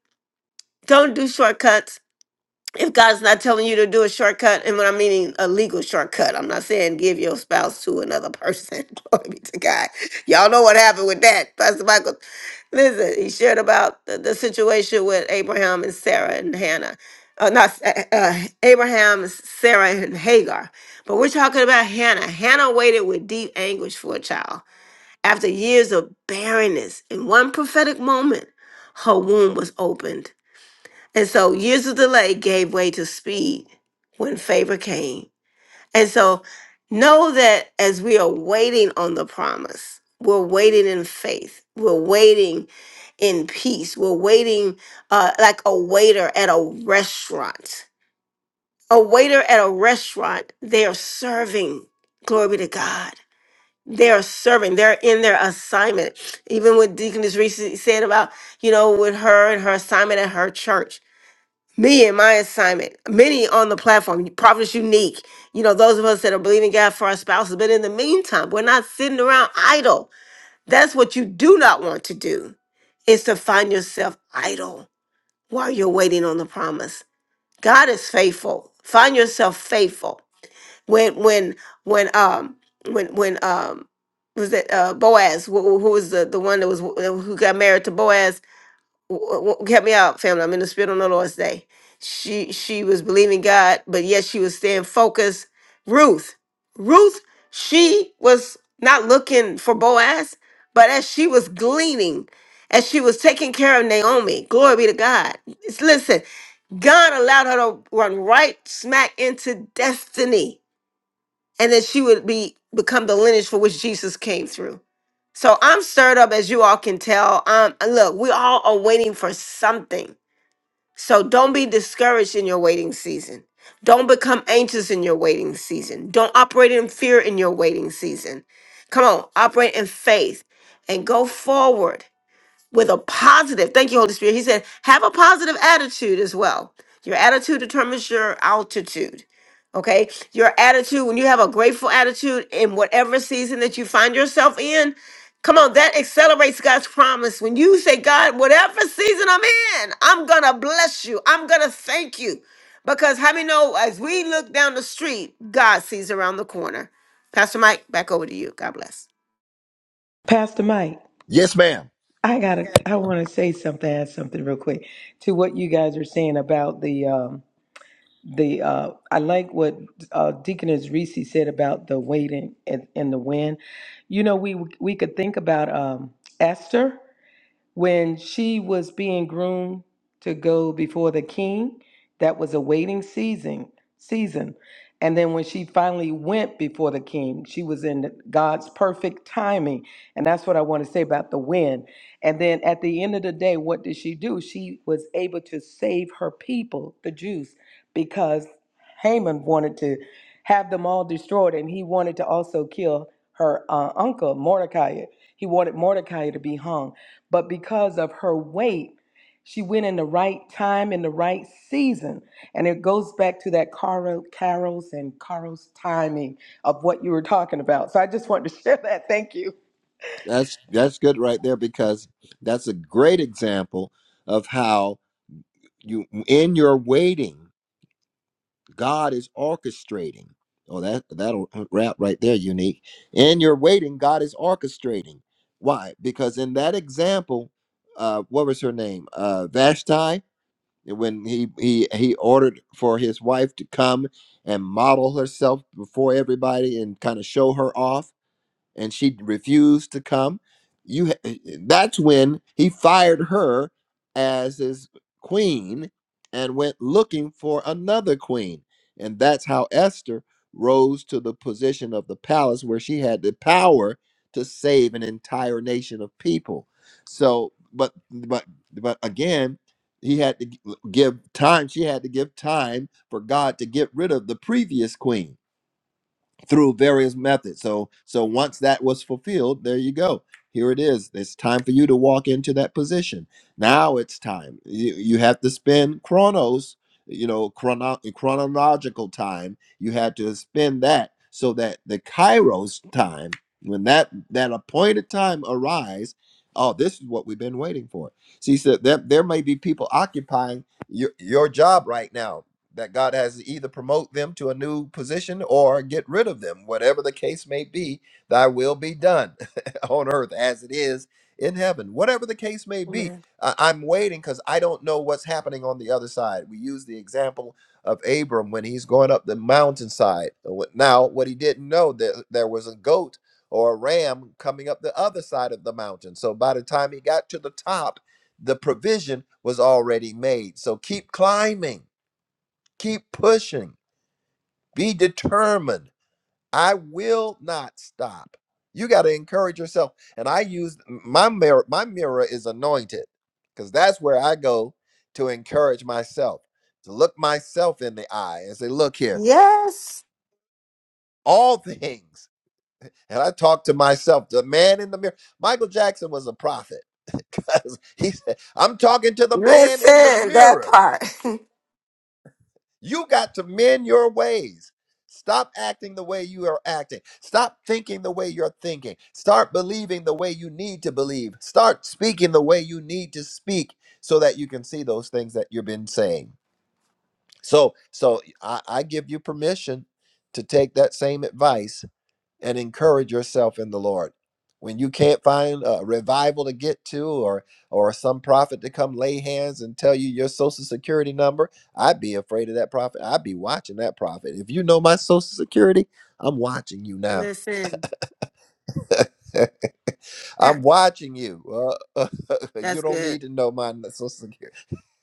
Speaker 3: Don't do shortcuts if God's not telling you to do a shortcut, and when I'm meaning a legal shortcut, I'm not saying give your spouse to another person. Glory be to God. Y'all know what happened with that. Pastor Michael, listen, he shared about the, the situation with Abraham and Sarah and Hannah. Uh, not uh, uh, Abraham, Sarah, and Hagar. But we're talking about Hannah. Hannah waited with deep anguish for a child. After years of barrenness, in one prophetic moment, her womb was opened and so years of delay gave way to speed when favor came. And so know that as we are waiting on the promise, we're waiting in faith, we're waiting in peace, we're waiting uh, like a waiter at a restaurant. A waiter at a restaurant, they are serving. Glory be to God. They are serving. They're in their assignment. Even what Deaconess Reese said about, you know, with her and her assignment at her church me and my assignment, many on the platform, Prophets Unique, you know, those of us that are believing God for our spouses. But in the meantime, we're not sitting around idle. That's what you do not want to do, is to find yourself idle while you're waiting on the promise. God is faithful. Find yourself faithful. When, when, when, um, when, when, um, was it uh, Boaz, who, who was the, the one that was uh, who got married to Boaz? w- w- help me out, family. I'm in the spirit on the Lord's day. She she was believing God, but yet she was staying focused. Ruth, Ruth, she was not looking for Boaz, but as she was gleaning, as she was taking care of Naomi, glory be to God. It's- Listen, God allowed her to run right smack into destiny and that she would be become the lineage for which Jesus came through. So I'm stirred up, as you all can tell. Um, and look, we all are waiting for something. So don't be discouraged in your waiting season. Don't become anxious in your waiting season. Don't operate in fear in your waiting season. Come on, operate in faith and go forward with a positive, thank you, Holy Spirit. He said, have a positive attitude as well. Your attitude determines your altitude. Okay. Your attitude, when you have a grateful attitude in whatever season that you find yourself in, come on, that accelerates God's promise. When you say, God, whatever season I'm in, I'm going to bless you. I'm going to thank you. Because how many know as we look down the street, God sees around the corner. Pastor Mike, back over to you. God bless.
Speaker 4: Pastor Mike,
Speaker 1: Yes, ma'am.
Speaker 4: I gotta, I want to say something, add something real quick to what you guys are saying about the, um, the, uh, I like what uh, Deaconess Reese said about the waiting and, and the wind. You know, we we could think about um, Esther when she was being groomed to go before the king that was a waiting season season and then when she finally went before the king she was in god's perfect timing and that's what i want to say about the win and then at the end of the day what did she do she was able to save her people the jews because haman wanted to have them all destroyed and he wanted to also kill her uh, uncle mordecai he wanted mordecai to be hung but because of her weight, she went in the right time, in the right season. And it goes back to that Carol, Carol's and Carol's timing of what you were talking about. So I just wanted to share that. Thank you.
Speaker 1: That's that's good right there because that's a great example of how you in your waiting. God is orchestrating. Oh, that that'll uh, wrap right there, unique. And you're waiting. God is orchestrating. Why? Because in that example, uh, what was her name? Uh, Vashti. When he he he ordered for his wife to come and model herself before everybody and kind of show her off and she refused to come you that's when he fired her as his queen and went looking for another queen and that's how Esther rose to the position of the palace where she had the power to save an entire nation of people so but but but again he had to g- give time she had to give time for God to get rid of the previous queen through various methods. So so once that was fulfilled, there you go. Here it is. It's time for you to walk into that position. Now it's time. You, you have to spend chronos, you know, chrono, chronological time. You had to spend that so that the kairos time, when that that appointed time arrives, oh, this is what we've been waiting for. See, so that there there may be people occupying your, your job right now that God has to either promote them to a new position or get rid of them. Whatever the case may be, thy will be done on earth as it is in heaven. Whatever the case may be,
Speaker 3: Amen.
Speaker 1: I- I'm waiting because I don't know what's happening on the other side. We use the example of Abram when he's going up the mountainside. Wh- Now, what he didn't know that there was a goat or a ram coming up the other side of the mountain. So by the time he got to the top, the provision was already made. So keep climbing Keep pushing. Be determined. I will not stop. You got to encourage yourself. And I use my mirror, my mirror is anointed because that's where I go to encourage myself, to look myself in the eye and say, look here,
Speaker 3: Yes.
Speaker 1: all things. And I talk to myself, the man in the mirror. Michael Jackson was a prophet because he said, I'm talking to the man in the
Speaker 3: Listen, that
Speaker 1: mirror.
Speaker 3: part.
Speaker 1: You got to mend your ways. Stop acting the way you are acting. Stop thinking the way you're thinking. Start believing the way you need to believe. Start speaking the way you need to speak so that you can see those things that you've been saying. So, so I, I give you permission to take that same advice and encourage yourself in the Lord. When you can't find a revival to get to or or some prophet to come lay hands and tell you your social security number, I'd be afraid of that prophet. I'd be watching that prophet. If you know my social security, I'm watching you now.
Speaker 3: Listen, that-
Speaker 1: I'm watching you. Uh, you
Speaker 3: that's
Speaker 1: don't
Speaker 3: good.
Speaker 1: need to know my social security.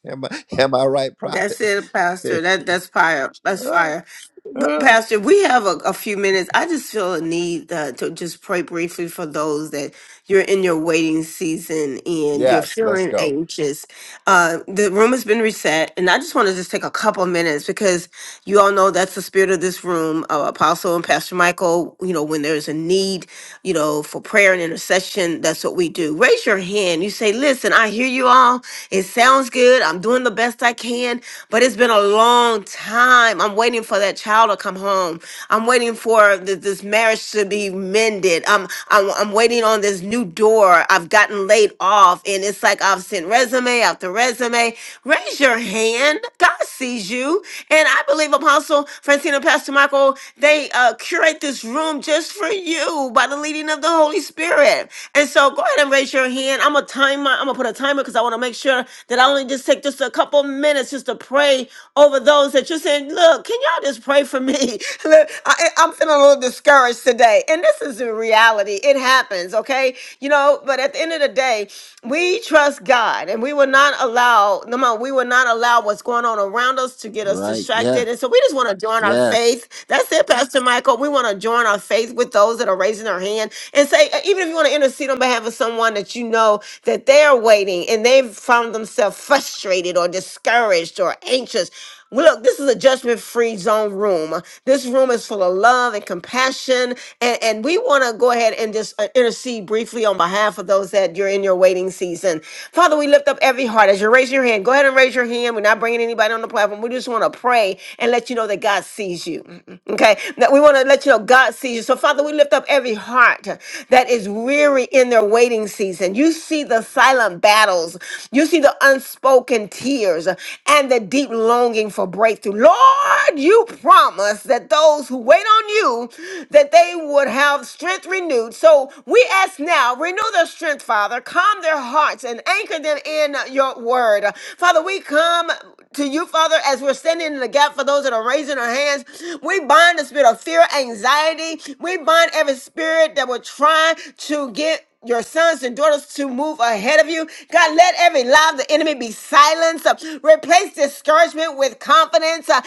Speaker 1: Am I, am I right, prophet?
Speaker 3: That's it, Pastor. That that's fire. That's fire. P- Pastor, we have a, a few minutes. I just feel a need uh, to just pray briefly for those that you're in your waiting season and you're
Speaker 1: yes, let's
Speaker 3: feeling
Speaker 1: go.
Speaker 3: anxious Uh, the room has been reset, and I just want to just take a couple of minutes because you all know that's the spirit of this room. Uh, Apostle and Pastor Michael, you know, when there's a need, you know, for prayer and intercession, that's what we do. Raise your hand. You say, "Listen, I hear you all. It sounds good. I'm doing the best I can, but it's been a long time. I'm waiting for that child to come home. I'm waiting for th- this marriage to be mended. I'm, I'm I'm waiting on this new door. I've gotten laid off, and it's like I've sent resume out the resume. Raise your hand. God sees you. And I believe Apostle Francina, Pastor Michael, they uh, curate this room just for you by the leading of the Holy Spirit. And so go ahead and raise your hand. I'm a timer. I'm gonna put a timer because I want to make sure that I only just take just a couple minutes just to pray over those that you're saying, look, can y'all just pray for me? Look, I, I'm feeling a little discouraged today. And this is the reality. It happens, okay? You know, but at the end of the day, we trust God and we will will not allow, no, ma, we will not allow what's going on around us to get us
Speaker 1: Right. Yeah.
Speaker 3: distracted. And so we just want to join our
Speaker 1: Yes.
Speaker 3: faith. That's it, Pastor Michael. We want to join our faith with those that are raising their hand and say, uh, even if you want to intercede on behalf of someone that you know that they're waiting and they've found themselves frustrated or discouraged or anxious, well, Look, this is a judgment free zone room. This room is full of love and compassion. And, and we want to go ahead and just uh, intercede briefly on behalf of those that you're in your waiting season. Father, we lift up every heart. As you raise your hand, go ahead and raise your hand. We're not bringing anybody on the platform. We just want to pray and let you know that God sees you. Okay? That we want to let you know God sees you. So, Father, we lift up every heart that is weary in their waiting season. You see the silent battles, you see the unspoken tears and the deep longing for breakthrough. Lord, you promised that those who wait on you, that they would have strength renewed. So we ask now, renew their strength, Father. Calm their hearts and anchor them in your word. Father, we come to you, Father, as we're standing in the gap for those that are raising their hands. We bind the spirit of fear, anxiety. We bind every spirit that would try to get your sons and daughters to move ahead of you. God, let every lie of the enemy be silenced. Uh, Replace discouragement with confidence uh,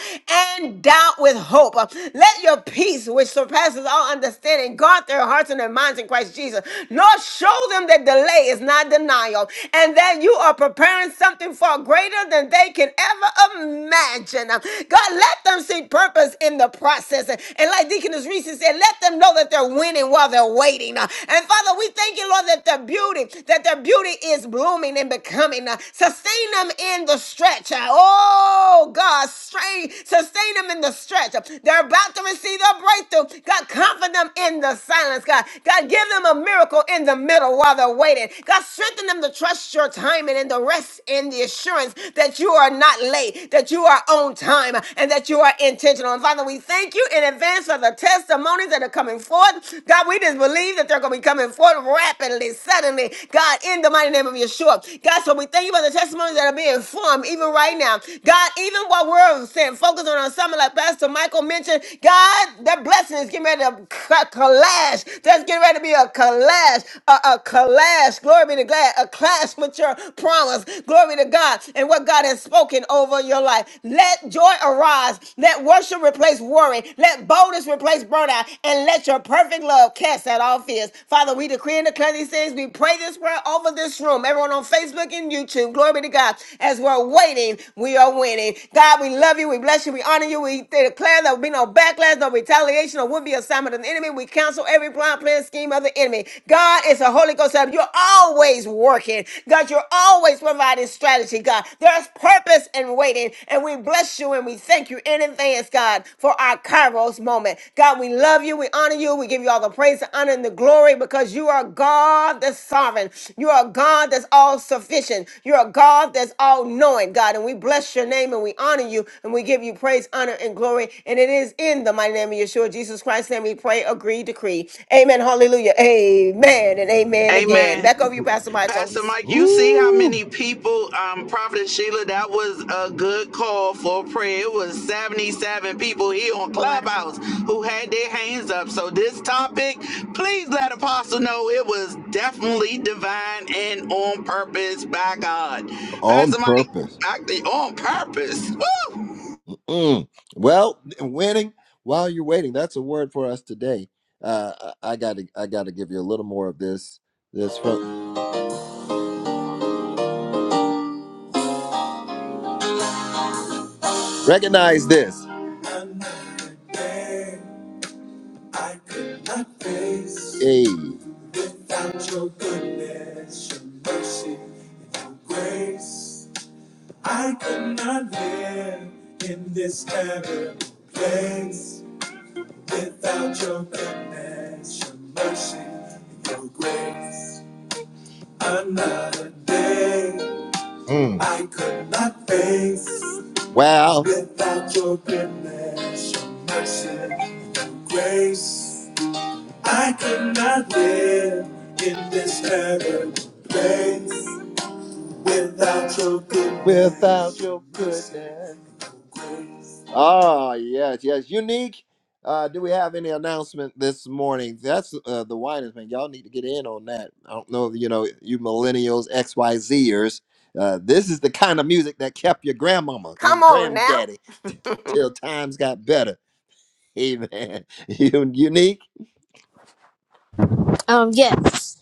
Speaker 3: and doubt with hope. Uh, Let your peace, which surpasses all understanding, guard their hearts and their minds in Christ Jesus. Lord, show them that delay is not denial and that you are preparing something far greater than they can ever imagine. Uh, God, let them see purpose in the process. And like Deaconess Reese said, let them know that their they're winning while they're waiting. uh, And Father, we thank you, Lord, that the beauty, that their beauty is blooming and becoming. uh, Sustain them in the stretch. uh, Oh God, strain, sustain them in the stretch. uh, They're about to receive their breakthrough. God, comfort them in the silence. God, God, give them a miracle in the middle while they're waiting. God, strengthen them to trust your timing and the rest in the assurance that you are not late, that you are on time, uh, and that you are intentional. And Father, we thank you you in advance for the testimonies that are coming forth. God, we just believe that they're going to be coming forth rapidly, suddenly. God, in the mighty name of Yeshua. God, so we thank you for the testimonies that are being formed even right now. God, even while we're saying focus on our summit, like Pastor Michael mentioned, God, that blessing is getting ready to c- collage. There's getting ready to be a collage, a, a collage. Glory be to God, a clash with your promise. Glory to God and what God has spoken over your life. Let joy joy arise. Let worship replace worry. Let boldness replace burnout. And let your perfect love cast out all fears. Father, we decree and declare these things. We pray this prayer over this room. Everyone on Facebook and YouTube. Glory be to God. As we're waiting, we are winning. God, we love you. We bless you. We honor you. We declare there will be no backlash, no retaliation, or would be assignment of the enemy. We counsel every blind plan scheme of the enemy. God it's a Holy Ghost. help. You're always working. God, you're always providing strategy, God. There's purpose in waiting, and we bless you and we thank you in advance, God, for our Kairos moment. God, we love you, we honor you, we give you all the praise, the honor, and the glory because you are God that's sovereign. You are God that's all sufficient. You're God that's all knowing, God, and we bless your name and we honor you and we give you praise, honor, and glory. And it is in the mighty name of Yeshua, Jesus Christ's name, we pray, agree, decree. Amen, hallelujah, amen, and amen again.
Speaker 6: Amen.
Speaker 3: Back over you, Pastor Michael.
Speaker 6: Pastor Mike, you see how many people, um, Prophet Sheila, that was a good call for prayer. It was 77 people here on Clubhouse who had their hands up. So this topic, please let Apostle know it was definitely divine and on purpose by God.
Speaker 1: On
Speaker 6: Pastor Mike,
Speaker 1: purpose.
Speaker 6: I, on purpose. Woo!
Speaker 1: Mm. Well, winning while you're waiting. That's a word for us today. Uh, I I gotta, I gotta give you a little more of this. This fun. Recognize this. Another day I could not face. Hey. Without your goodness, your mercy, and your grace, I could not live in this terrible place. Without your goodness, your mercy, and your grace. Another day Mm. I could not face Well, without your goodness, your mercy, and grace. I could not live in this terrible place. Without your goodness. Without your goodness. Oh, yes, yes. Unique. Uh, do we have any announcement this morning? That's uh, the whiners, man. Y'all need to get in on that. I don't know, you know, you millennials, XYZers. Uh, this is the kind of music that kept your grandmama
Speaker 3: Come
Speaker 1: and
Speaker 3: on now.
Speaker 1: granddaddy till times got better. Amen. You, unique
Speaker 2: Um, yes.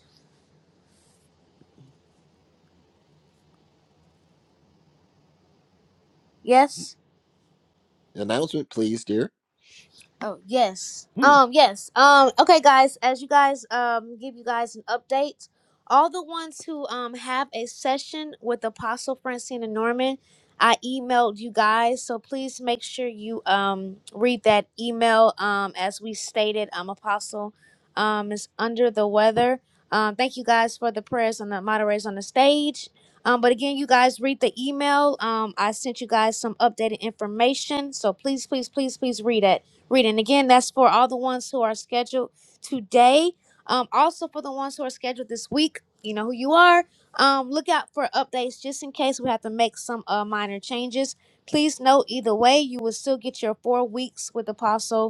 Speaker 2: Yes?
Speaker 1: announcement, please, dear.
Speaker 2: Oh yes. Um yes. Um okay guys, as you guys um give you guys an update, all the ones who um have a session with Apostle Francina Norman, I emailed you guys, so please make sure you um read that email um as we stated um Apostle um is under the weather. Um thank you guys for the prayers and the moderators on the stage. Um, but again, you guys read the email. Um, I sent you guys some updated information. So please, please, please, please read it reading. Again, that's for all the ones who are scheduled today. Um, also for the ones who are scheduled this week, you know who you are. Um, look out for updates just in case we have to make some uh, minor changes. Please note either way, you will still get your four weeks with Apostle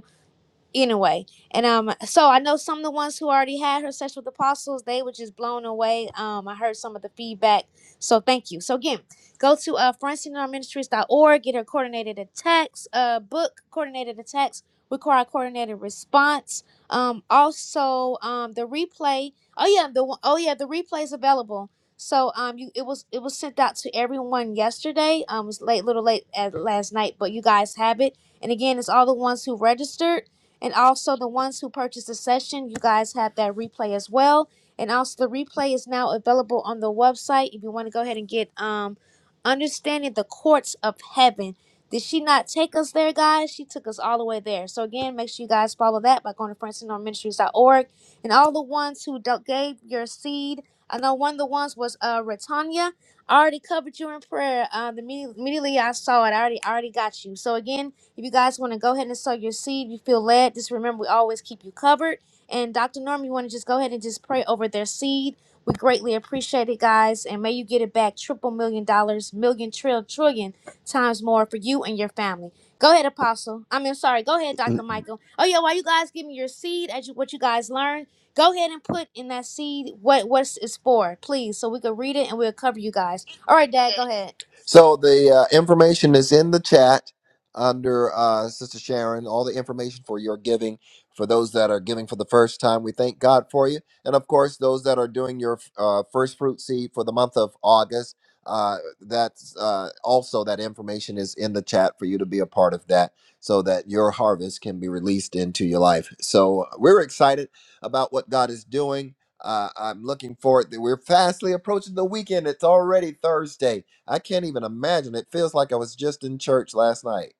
Speaker 2: anyway and um so i know some of the ones who already had her sex with apostles they were just blown away um i heard some of the feedback so thank you so again go to uh francine ministries dot org. get her coordinated attacks uh book coordinated attacks require a coordinated response um also um the replay oh yeah the one- oh yeah the replay is available so um you it was it was sent out to everyone yesterday um it was late little late at last night but you guys have it and again it's all the ones who registered and also the ones who purchased the session, you guys have that replay as well. And also the replay is now available on the website if you want to go ahead and get um understanding the courts of heaven. Did she not take us there, guys? She took us all the way there. So again, make sure you guys follow that by going to francisnorministries.org. And all the ones who do gave your seed, I know one of the ones was uh Retanya. I already covered you in prayer. Uh, the immediately I saw it. I already I already got you. So again, if you guys want to go ahead and sow your seed, you feel led, just remember we always keep you covered. And Dr. Norm, you want to just go ahead and just pray over their seed. We greatly appreciate it, guys. And may you get it back triple million dollars, million, trill, trillion times more for you and your family. Go ahead, Apostle. I mean, sorry. Go ahead, Dr. Michael. Oh, yeah, while you guys give me your seed, as you, what you guys learned, go ahead and put in that seed what what it's for, please, so we can read it and we'll cover you guys. All right, Dad, go ahead.
Speaker 1: So the uh, information is in the chat under uh, Sister Sharon. All the information for your giving for those that are giving for the first time. We thank God for you, and of course those that are doing your uh, first fruit seed for the month of August. Uh, that's uh, also that information is in the chat for you to be a part of that, so that your harvest can be released into your life. So uh, we're excited about what God is doing. Uh, I'm looking forward that we're fastly approaching the weekend. It's already Thursday I can't even imagine. It feels like I was just in church last night.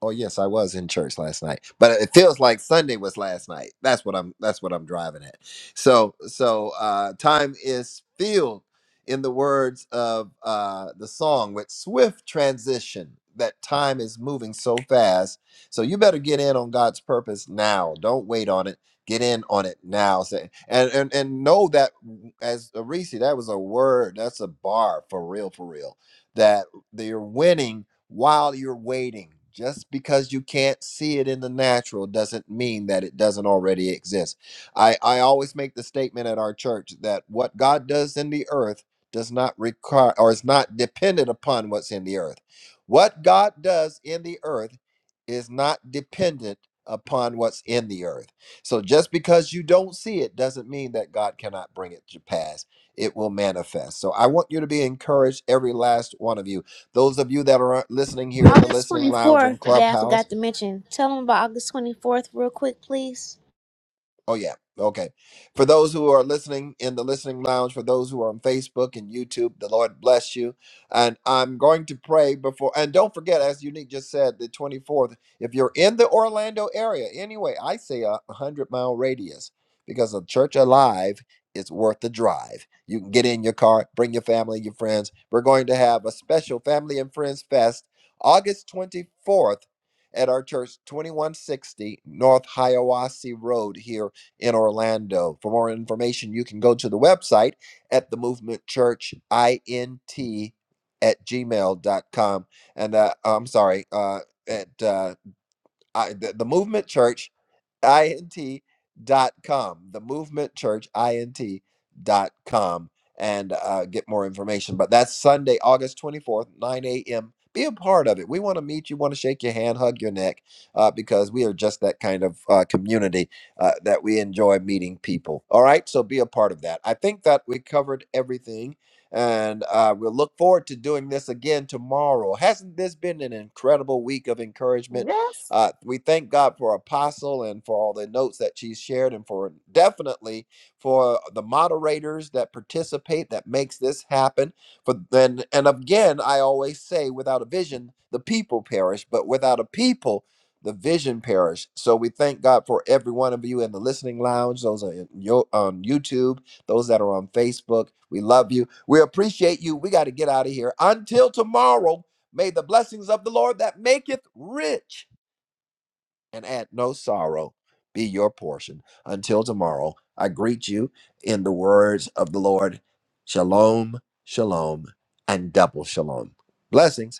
Speaker 1: Oh yes, I was in church last night, but it feels like Sunday was last night. That's what I'm. That's what I'm driving at. So, so uh, time is filled, in the words of uh, the song, with swift transition. That time is moving so fast. So you better get in on God's purpose now. Don't wait on it. Get in on it now. Say and and and know that as Arisi, that was a word. That's a bar for real, for real. That they're winning while you're waiting. Just because you can't see it in the natural doesn't mean that it doesn't already exist. I, I always make the statement at our church that what God does in the earth does not require or is not dependent upon what's in the earth. What God does in the earth is not dependent upon what's in the earth. So just because you don't see it doesn't mean that God cannot bring it to pass. It will manifest. So I want you to be encouraged, every last one of you those of you that are listening here in the
Speaker 2: August
Speaker 1: listening lounge and
Speaker 2: 24th, that I
Speaker 1: clubhouse,
Speaker 2: forgot to mention. Tell them about August 24th, real quick, please.
Speaker 1: Oh yeah. Okay. For those who are listening in the listening lounge, for those who are on Facebook and YouTube, the Lord bless you. And I'm going to pray before and don't forget, as Unique just said, the 24th, if you're in the Orlando area, anyway, I say a hundred mile radius because a church alive is worth the drive. You can get in your car, bring your family, your friends. We're going to have a special family and friends fest August 24th at our church, 2160 North Hiawassee Road here in Orlando. For more information, you can go to the website at the Movement Church INT at gmail.com. And uh, I'm sorry, uh, at uh, I, the, the Movement Church int dot com the movement church int dot com and uh, get more information. But that's Sunday, August 24th, 9 a.m. Be a part of it. We want to meet you, want to shake your hand, hug your neck, uh, because we are just that kind of uh, community uh, that we enjoy meeting people. All right, so be a part of that. I think that we covered everything, and uh, we'll look forward to doing this again tomorrow. Hasn't this been an incredible week of encouragement?
Speaker 3: Yes.
Speaker 1: Uh, we thank God for Apostle and for all the notes that she's shared, and for definitely for the moderators that participate that makes this happen. For then, and again, I always say, without a vision, the people perish, but without a people, the vision perish. So we thank God for every one of you in the listening lounge, those are in yo- on YouTube, those that are on Facebook. We love you. We appreciate you. We got to get out of here. Until tomorrow, may the blessings of the Lord that maketh rich and at no sorrow be your portion. Until tomorrow, I greet you in the words of the Lord. Shalom, shalom, and double shalom. Blessings.